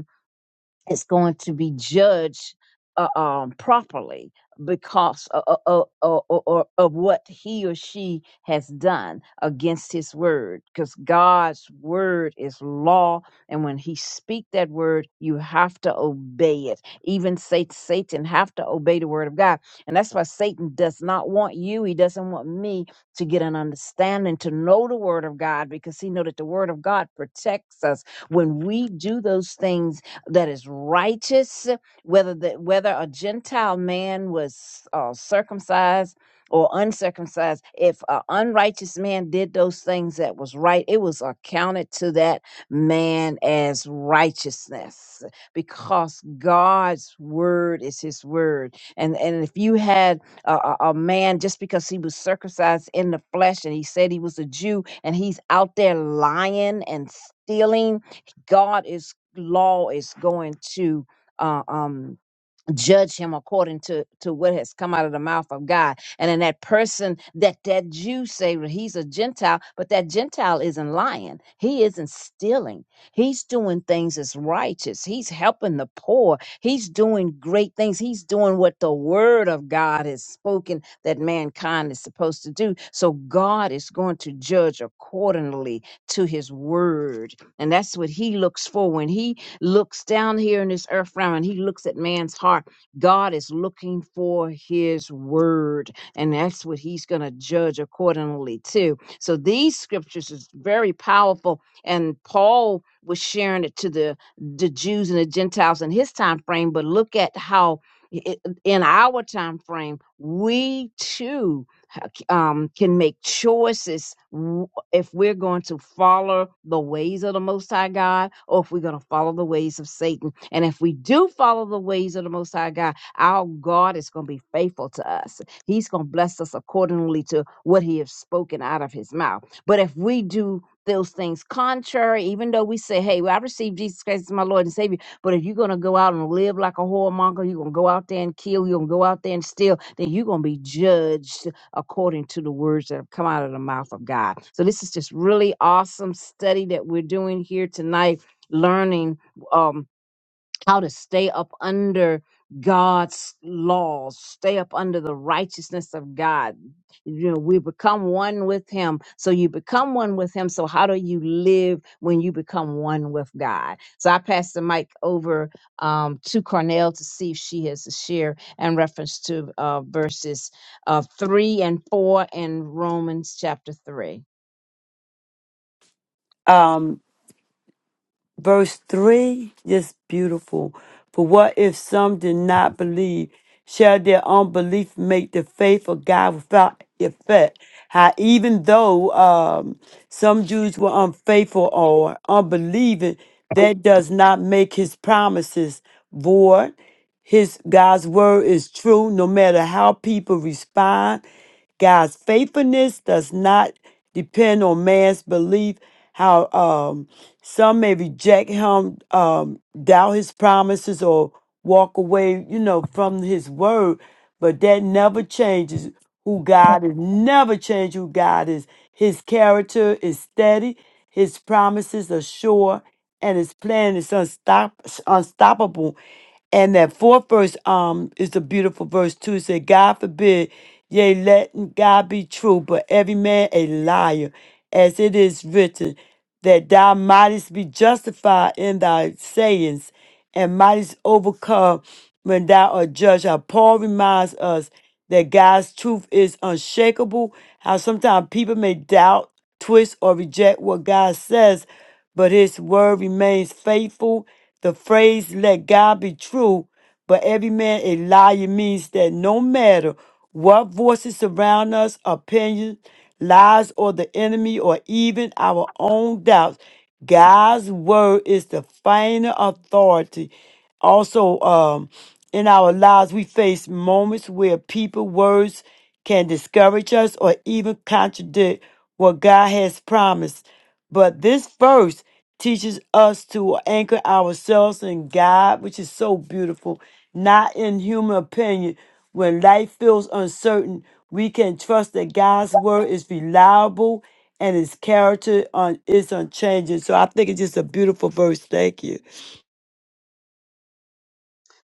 C: is going to be judged uh, um, properly because of, of, of, of what he or she has done against his word because god's word is law and when he speak that word you have to obey it even Sa- satan have to obey the word of god and that's why satan does not want you he doesn't want me to get an understanding to know the word of god because he know that the word of god protects us when we do those things that is righteous, whether the, whether a Gentile man was uh, circumcised or uncircumcised. If an unrighteous man did those things that was right, it was accounted to that man as righteousness because God's word is His word. And and if you had a, a a man just because he was circumcised in the flesh and he said he was a Jew and he's out there lying and stealing God is law is going to uh, um judge him according to to what has come out of the mouth of God. And then that person that that Jew say well, he's a Gentile, but that Gentile isn't lying. He isn't stealing. He's doing things as righteous. He's helping the poor. He's doing great things. He's doing what the word of God has spoken that mankind is supposed to do. So God is going to judge accordingly to his word. And that's what he looks for when he looks down here in this earth realm and he looks at man's heart God is looking for his word, and that's what he's going to judge accordingly to. So these scriptures is very powerful, and Paul was sharing it to the the Jews and the Gentiles in his time frame. But look at how i- i- in our time frame we too ha- c- um, can make choices if we're going to follow the ways of the Most High God or if we're going to follow the ways of Satan. And if we do follow the ways of the Most High God, our God is going to be faithful to us. He's going to bless us accordingly to what He has spoken out of His mouth. But if we do those things contrary, even though we say, Hey, well, I received Jesus Christ as my Lord and Savior, but if you're going to go out and live like a whoremonger, you're going to go out there and kill, you're going to go out there and steal, then you're going to be judged according to the words that have come out of the mouth of God. So this is just really awesome study that we're doing here tonight, learning. um how to stay up under God's laws, stay up under the righteousness of God. You know, we become one with Him. So you become one with Him. So how do you live when you become one with God? So I pass the mic over um, to Cornell to see if she has a share in reference to uh, verses uh, three and four in Romans chapter three.
B: um, verse 3, just beautiful. For what if some did not believe? Shall their unbelief make the faith of God without effect? How even though um, some Jews were unfaithful or unbelieving, that does not make his promises void. His God's word is true no matter how people respond. God's faithfulness does not depend on man's belief. How um, some may reject him, um, doubt his promises, or walk away, you know, from his word, but that never changes who God is. Never change who God is. His character is steady. His promises are sure and his plan is unstop, unstoppable. And that fourth verse um is a beautiful verse too. It said, God forbid, yea, let God be true, but every man a liar, as it is written, that thou mightest be justified in thy sayings and mightiest overcome when thou art judged. How Paul reminds us that God's truth is unshakable. How sometimes people may doubt, twist, or reject what God says, but his word remains faithful. The phrase, let God be true, but every man a liar means that no matter what voices surround us, opinions, lies, or the enemy, or even our own doubts, God's word is the final authority. Also, um, in our lives, we face moments where people, words can discourage us or even contradict what God has promised. But this verse teaches us to anchor ourselves in God, which is so beautiful, not in human opinion. When life feels uncertain, we can trust that God's word is reliable and his character un- is unchanging. So I think it's just a beautiful verse. Thank you.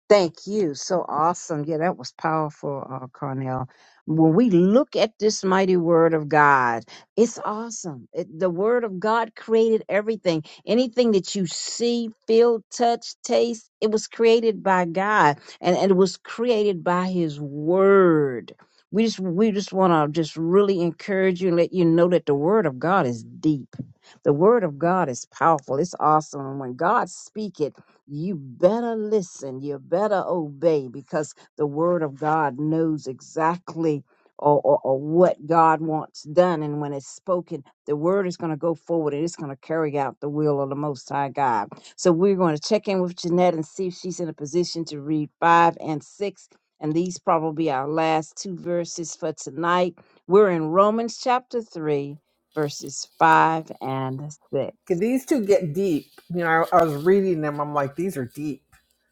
C: Thank you. So awesome. Yeah, that was powerful, uh, Carnell. When we look at this mighty word of God, it's awesome. It, the word of God created everything. Anything that you see, feel, touch, taste, it was created by God and, and it was created by his word. We just we just want to just really encourage you and let you know that the word of God is deep. The word of God is powerful. It's awesome. And when God speaks it, you better listen, you better obey, because the word of God knows exactly or, or, or what God wants done. And when it's spoken, the word is going to go forward and it's going to carry out the will of the Most High God. So we're going to check in with Jeanette and see if she's in a position to read five and six. And these probably our last two verses for tonight. We're in Romans chapter 3, verses 5 and 6.
D: okay these two get deep you know i, I was reading them i'm like these are deep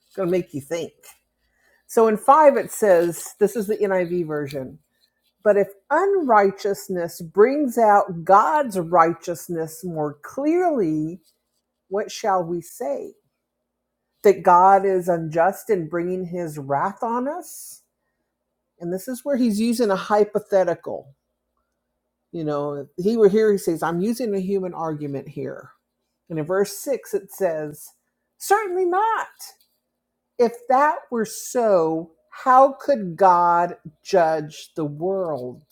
D: It's going to make you think so in five it says this is the niv version but if unrighteousness brings out god's righteousness more clearly what shall we say that god is unjust in bringing his wrath on us and this is where he's using a hypothetical. You know, if he were here, he says, I'm using a human argument here. And in verse six, it says, Certainly not. If that were so, how could God judge the world?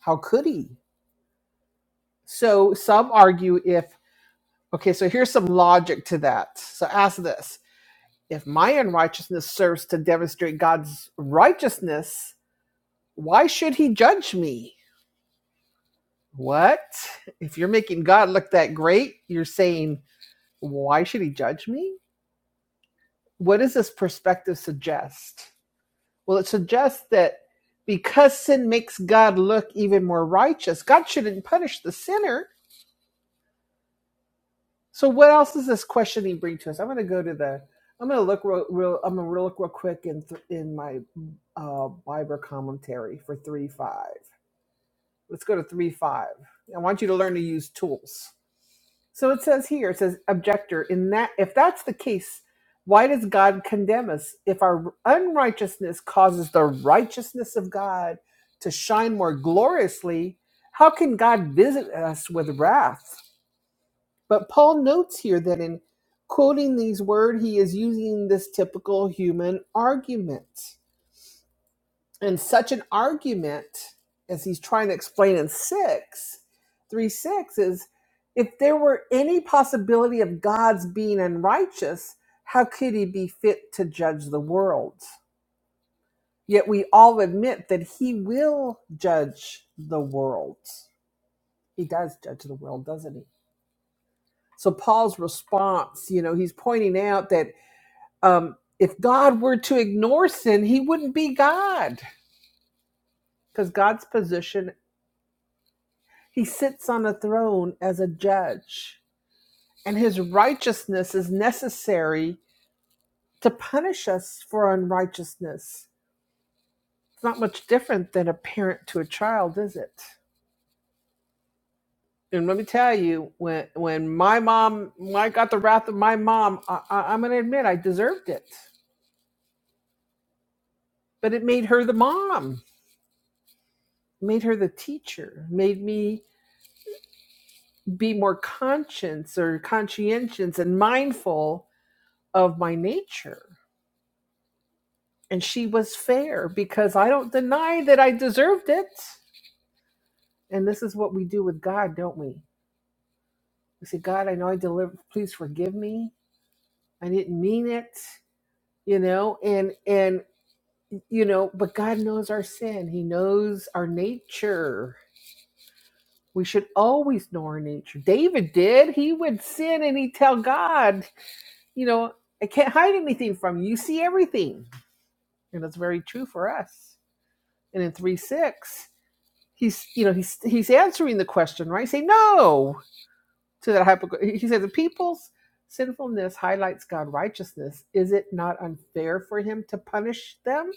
D: How could he? So some argue if, okay, so here's some logic to that. So ask this if my unrighteousness serves to demonstrate God's righteousness, why should he judge me? What? If you're making God look that great, you're saying, why should he judge me? What does this perspective suggest? Well, it suggests that because sin makes God look even more righteous, God shouldn't punish the sinner. So, what else does this questioning bring to us? I'm going to go to the, I'm going to look real, real I'm going to look real quick in in my uh, Bible commentary for three five. Let's go to three five. I want you to learn to use tools. So it says here, it says objector, in that if that's the case, why does God condemn us if our unrighteousness causes the righteousness of God to shine more gloriously? How can God visit us with wrath? But Paul notes here that in quoting these words, he is using this typical human argument. And such an argument, as he's trying to explain in six, three six is if there were any possibility of God's being unrighteous, how could he be fit to judge the world? Yet we all admit that he will judge the world. He does judge the world, doesn't he? So Paul's response, you know, he's pointing out that um, if God were to ignore sin, he wouldn't be God because God's position He sits on a throne as a judge, and his righteousness is necessary to punish us for unrighteousness. It's not much different than a parent to a child, is it? And let me tell you, when when my mom, when I got the wrath of my mom, I, I, I'm going to admit I deserved it, but it made her the mom, made her the teacher, made me be more conscious or conscientious and mindful of my nature and she was fair because I don't deny that I deserved it. And this is what we do with God, don't we? We say, God, I know I delivered. Please forgive me. I didn't mean it, you know. And and you know, but God knows our sin. He knows our nature. We should always know our nature. David did. He would sin and he'd tell God, you know, I can't hide anything from you. You see everything. And that's very true for us. And in 3 6. he's you know he's he's answering the question right say no to that hypocrite he says the people's sinfulness highlights God's righteousness is it not unfair for him to punish them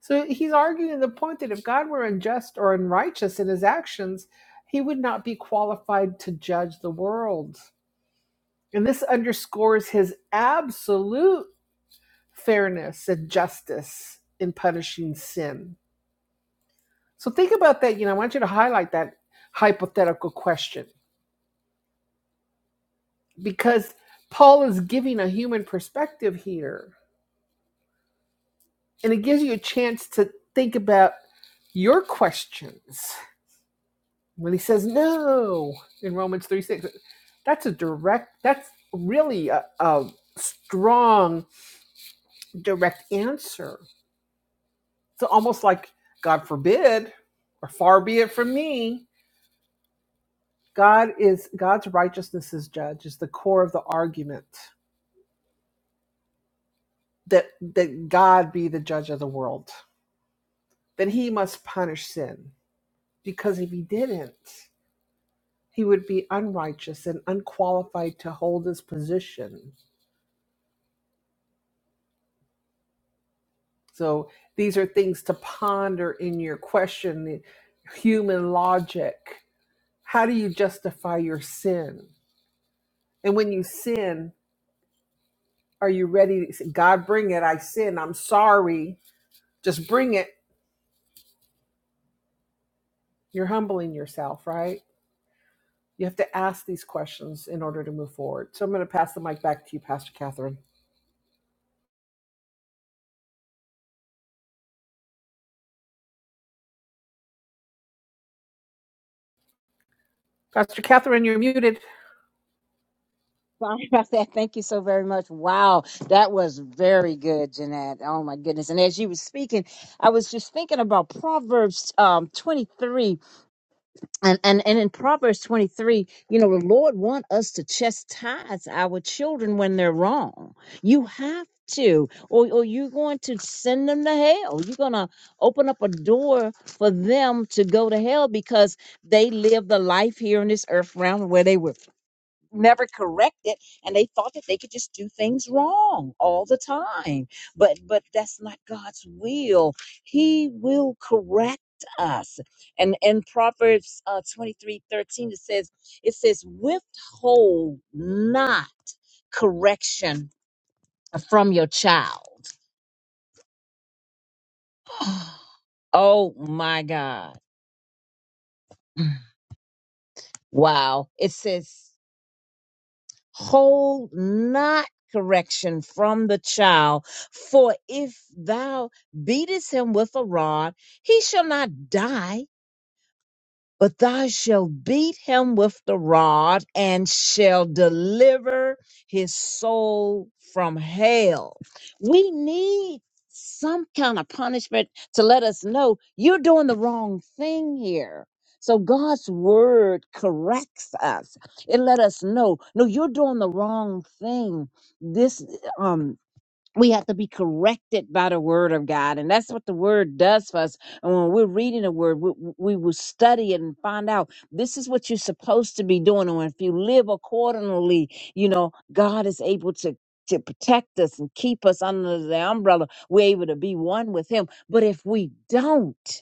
D: so he's arguing the point that if god were unjust or unrighteous in his actions he would not be qualified to judge the world and this underscores his absolute fairness and justice in punishing sin so think about that you know i want you to highlight that hypothetical question because Paul is giving a human perspective here. And it gives you a chance to think about your questions. When he says no in Romans 3 6, that's a direct, that's really a, a strong, direct answer. It's almost like, God forbid, or far be it from me. God is God's righteousness is judge is the core of the argument that that God be the judge of the world that He must punish sin because if he didn't, he would be unrighteous and unqualified to hold his position. So these are things to ponder in your question human logic. How do you justify your sin? And when you sin, are you ready to say, God, bring it? I sin. I'm sorry. Just bring it. You're humbling yourself, right? You have to ask these questions in order to move forward. So I'm going to pass the mic back to you, Pastor Catherine. Pastor Catherine, you're muted.
C: Sorry about that. Thank you so very much. Wow, that was very good, Jeanette. Oh my goodness! And as you were speaking, I was just thinking about Proverbs um, twenty three, and and and in Proverbs twenty three, you know, the Lord want us to chastise our children when they're wrong. You have to, or or you're going to send them to hell. You're gonna open up a door for them to go to hell because they lived the life here in this earth realm where they were never correct it and they thought that they could just do things wrong all the time but but that's not god's will he will correct us and in proverbs uh, 23 thirteen, it says it says withhold not correction from your child oh my god wow it says hold not correction from the child. For if thou beatest him with a rod, he shall not die but thou shalt beat him with the rod and shall deliver his soul from hell. We need some kind of punishment to let us know you're doing the wrong thing here. So God's word corrects us. It let us know, no, you're doing the wrong thing. This um, we have to be corrected by the word of God. And that's what the word does for us. And when we're reading the word, we, we will study it and find out this is what you're supposed to be doing. And if you live accordingly, you know, God is able to. To protect us and keep us under the umbrella, we're able to be one with Him. But if we don't,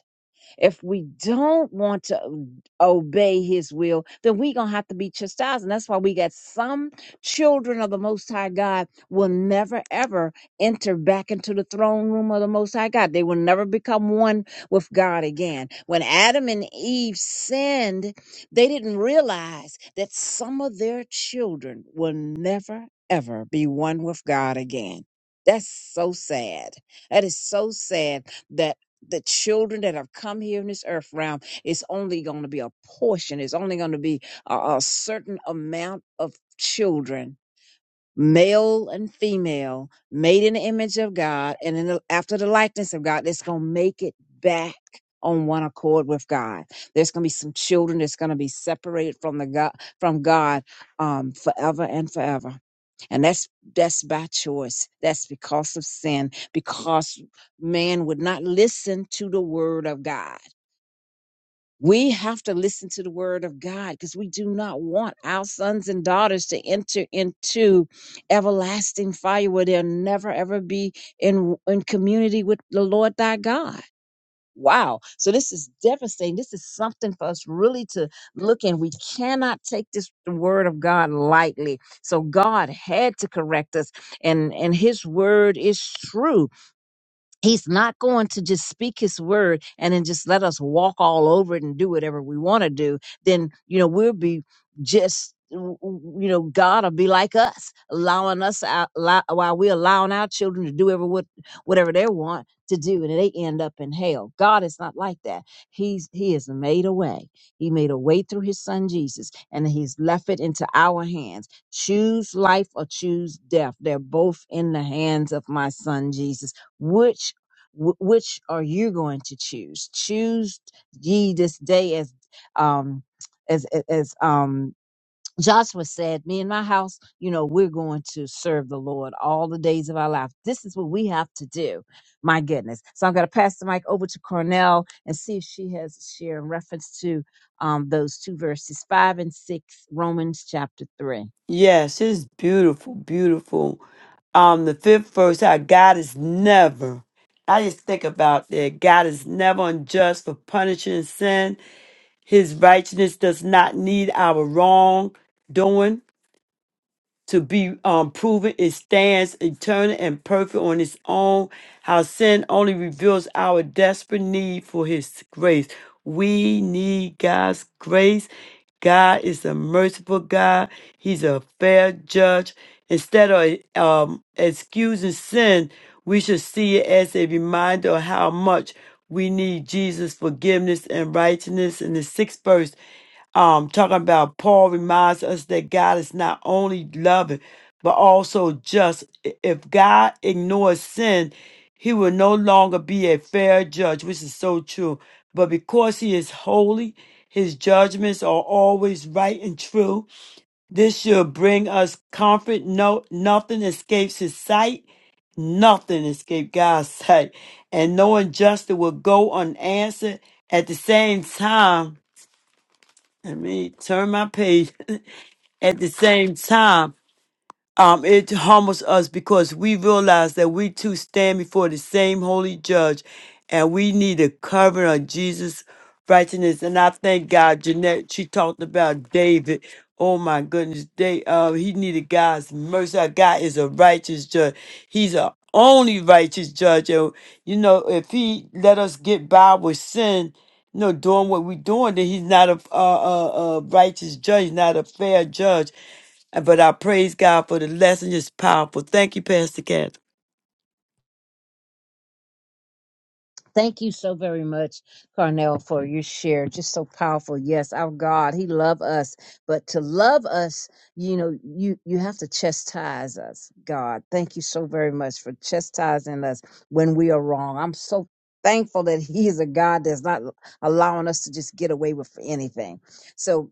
C: if we don't want to obey his will, then we're going to have to be chastised. And that's why we got some children of the Most High God will never, ever enter back into the throne room of the Most High God. They will never become one with God again. When Adam and Eve sinned, they didn't realize that some of their children will never, ever be one with God again. That's so sad. That is so sad that the children that have come here in this earth realm it's only going to be a portion it's only going to be a, a certain amount of children male and female, made in the image of God and in the, after the likeness of God, that's going to make it back on one accord with God. There's going to be some children that's going to be separated from the God, from God, um, forever and forever. And that's, that's by choice. That's because of sin, because man would not listen to the word of God. We have to listen to the word of God because we do not want our sons and daughters to enter into everlasting fire where they'll never ever be in, in community with the Lord thy God. Wow. So this is devastating. This is something for us really to look in. We cannot take this word of God lightly. So God had to correct us and and his word is true He's not going to just speak his word and then just let us walk all over it and do whatever we want to do. Then, you know, we'll be just, w- w- you know, God will be like us, allowing us out, allow, while we're allowing our children to do whatever, what- whatever they want to do. And they end up in hell. God is not like that. He's, he has made a way. He made a way through his son Jesus and he's left it into our hands. Choose life or choose death. They're both in the hands of my son Jesus which Wh- which are you going to choose? Choose ye this day as um as as as, um Joshua said, me and my house, you know, we're going to serve the Lord all the days of our life. This is what we have to do. My goodness. So I'm going to pass the mic over to Cornell and see if she has a share in reference to um, those two verses, five and six, Romans chapter three.
B: Yes, it's beautiful, beautiful. Um, the fifth verse, how God is never. I just think about that. God is never unjust for punishing sin His righteousness does not need our wrong doing to be um, proven. It stands eternal and perfect on its own. How sin only reveals our desperate need for His grace. We need God's grace. God is a merciful God. He's a fair judge. Instead of um, excusing sin, we should see it as a reminder of how much we need Jesus' forgiveness and righteousness. In the sixth verse, um talking about paul reminds us that god is not only loving but also just I- if god ignores sin he will no longer be a fair judge which is so true but because he is holy his judgments are always right and true this should bring us comfort no nothing escapes his sight nothing escapes god's sight and no injustice will go unanswered at the same time let me turn my page at the same time, um, it humbles us because we realize that we too stand before the same holy judge and we need a covering of Jesus' righteousness. And I thank God, Jeanette, she talked about David. Oh my goodness, they uh he needed God's mercy. Our God is a righteous judge. He's a only righteous judge. And you know, if he let us get by with sin, you know, doing what we're doing, then he's not a, a, a, a righteous judge, he's not a fair judge. But I praise God for the lesson. It's powerful. Thank you, Pastor Catherine.
C: Thank you so very much, Carnell, for your share. Just so powerful. Yes, our God, He love us, but to love us, you know, you you have to chastise us. God, thank you so very much for chastising us when we are wrong. I'm so thankful that He is a God that's not allowing us to just get away with anything. So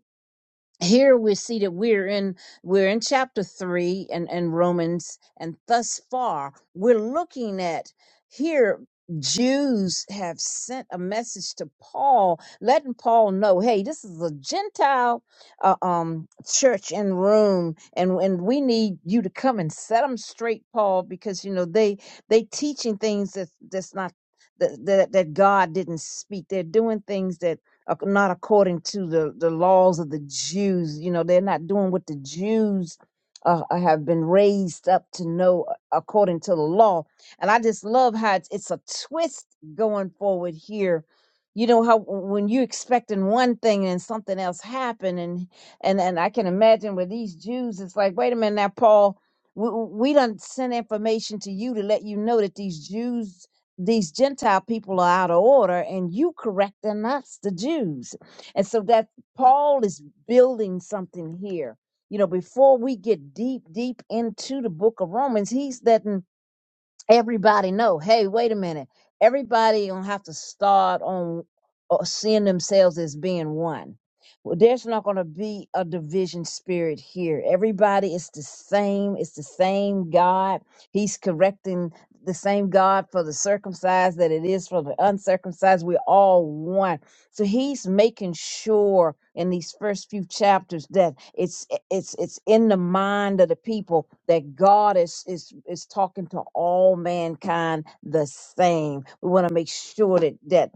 C: here we see that we're in we're in chapter 3 and and romans and thus far we're looking at here jews have sent a message to paul letting paul know hey this is a gentile uh, um church in rome and and we need you to come and set them straight paul because you know they they teaching things that that's not that, that that god didn't speak they're doing things that ac- not according to the, the laws of the Jews. You know, they're not doing what the Jews uh, uh, have been raised up to know a- according to the law. And I just love how it's, it's a twist going forward here. You know how w- when you expecting one thing and something else happen, and and and I can imagine with these Jews, it's like, wait a minute now, Paul, we, we done send information to you to let you know that these Jews these Gentile people are out of order and you correcting us, the Jews. And so that Paul is building something here. You know, before we get deep, deep into the book of Romans, he's letting everybody know hey wait a minute everybody gonna have to start on uh, seeing themselves as being one well there's not gonna be a division spirit here everybody is the same it's the same god he's correcting the same god for the circumcised that it is for the uncircumcised we're all one so he's making sure in these first few chapters that it's it's it's in the mind of the people that God is is is talking to all mankind the same. We want to make sure that that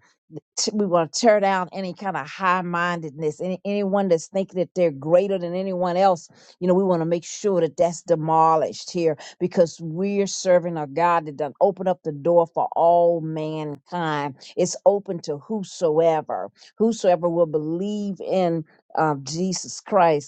C: t- we want to tear down any kind of high mindedness any, anyone that's thinking that they're greater than anyone else you know we want to make sure that that's demolished here because we're serving a god that done open up the door for all mankind it's open to whosoever, whosoever will believe in uh, Jesus Christ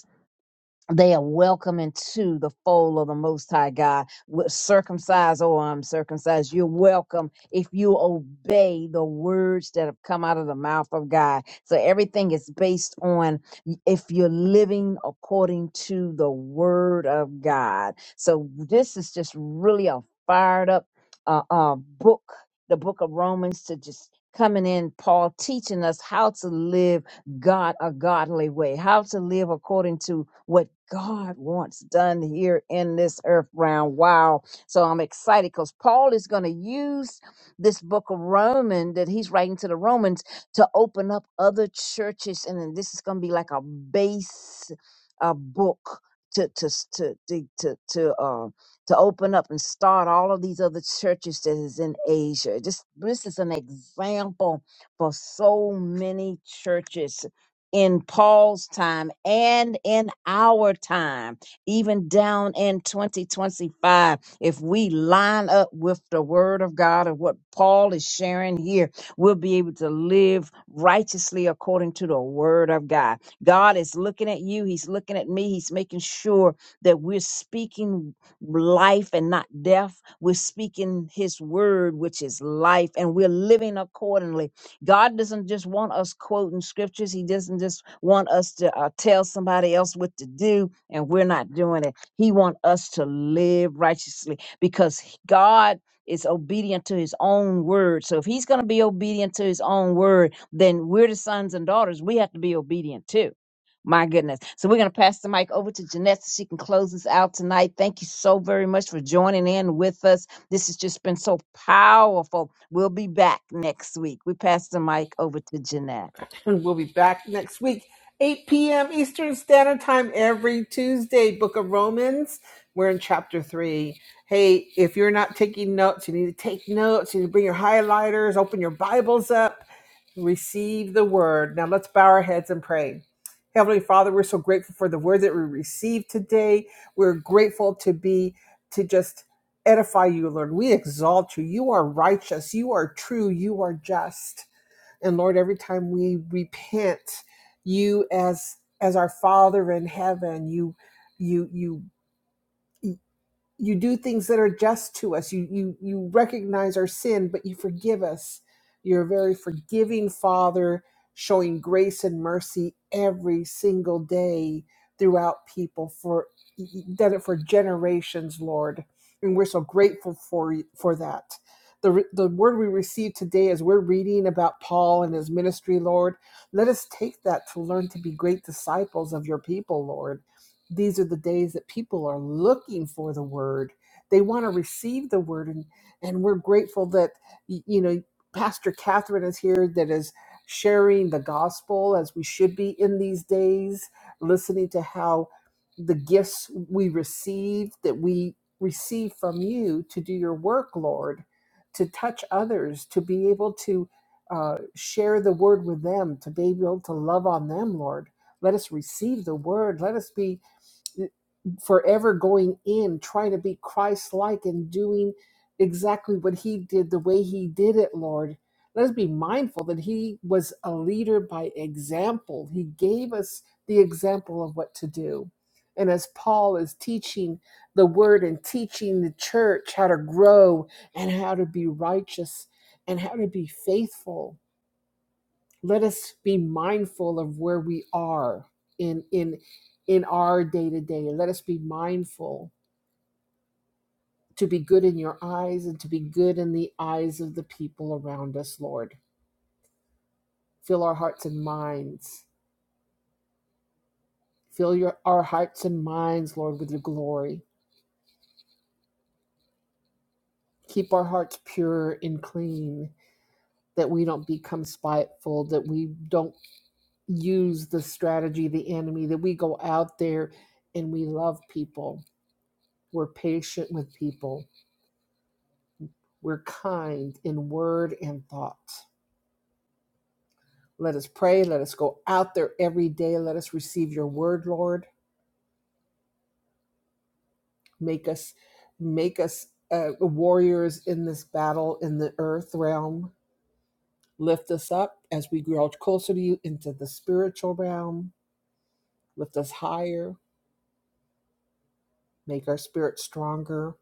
C: they are welcome into the fold of the Most High God, with circumcised or uncircumcised. You're welcome if you obey the words that have come out of the mouth of God. So everything is based on if you're living according to the Word of God. So this is just really a fired up uh, uh, book, the book of Romans, to just coming in, Paul teaching us how to live God a godly way, how to live according to what God wants done here in this earth realm. Wow. So I'm excited because Paul is going to use this book of Romans that he's writing to the Romans to open up other churches. And then this is going to be like a base uh, book to, to, s- to, to, to, to, uh, to open up and start all of these other churches that is in Asia. Just this is an example for so many churches in Paul's time and in our time, even down in 2025, if we line up with the word of God and what Paul is sharing here, we'll be able to live righteously according to the word of God. God is looking at you, He's looking at me, He's making sure that we're speaking life and not death. We're speaking His word, which is life, and we're living accordingly God doesn't just want us quoting scriptures. He doesn't just want us to uh, tell somebody else what to do and we're not doing it. He wants us to live righteously because he- God is obedient to his own word. So if he's going to be obedient to his own word, then we're the sons and daughters. We have to be obedient too. My goodness. So we're going to pass the mic over to Jeanette so she can close us out tonight. Thank you so very much for joining in with us. This has just been so powerful. We'll be back next week. We pass the mic over to Jeanette.
D: And we'll be back next week, 8 p.m. Eastern Standard Time every Tuesday. Book of Romans. We're in chapter three. Hey, if you're not taking notes, you need to take notes. You need to bring your highlighters, open your Bibles up, receive the word. Now let's bow our heads and pray. Heavenly Father, we're so grateful for the word that we received today. We're grateful to be, to just edify you, Lord. We exalt you. You are righteous. You are true. You are just and lord every time we repent you as as our father in heaven you you you you do things that are just to us you you you recognize our sin but you forgive us you're a very forgiving father showing grace and mercy every single day throughout people for you've done it for generations lord and we're so grateful for you- for that the, re- the word we receive today as we're reading about paul and his ministry lord let us take that to learn to be great disciples of your people lord these are the days that people are looking for the word they want to receive the word and and we're grateful that you know pastor catherine is here that is sharing the gospel as we should be in these days listening to how the gifts we receive that we receive from you to do your work lord to touch others to be able to uh, share the word with them to be able to love on them lord let us receive the word let us be forever going in trying to be Christ like and doing exactly what he did the way he did it, Lord. Let us be mindful that he was a leader by example. He gave us the example of what to do. And as Paul is teaching the word and teaching the church how to grow and how to be righteous and how to be faithful, let us be mindful of where we are in in in our day to day let us be mindful to be good in your eyes and to be good in the eyes of the people around us lord fill our hearts and minds fill your our hearts and minds lord with your glory keep our hearts pure and clean that we don't become spiteful that we don't use the strategy of the enemy that we go out there and we love people we're patient with people We're kind in word and thought. Let us pray. Let us go out there every day. Let us receive your word, Lord. Make us make us uh, warriors in this battle in the earth realm. Lift us up as we grow closer to you into the spiritual realm. Lift us higher. Make our spirit stronger.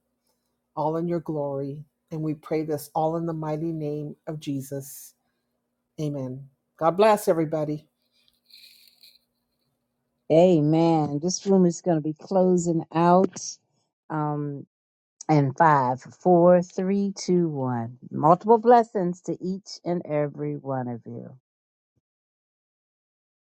D: All in your glory. And we pray this all in the mighty name of Jesus. Amen. God bless everybody.
C: Amen. This room is going to be closing out. Um, and five, four, three, two, one. Multiple blessings to each and every one of you.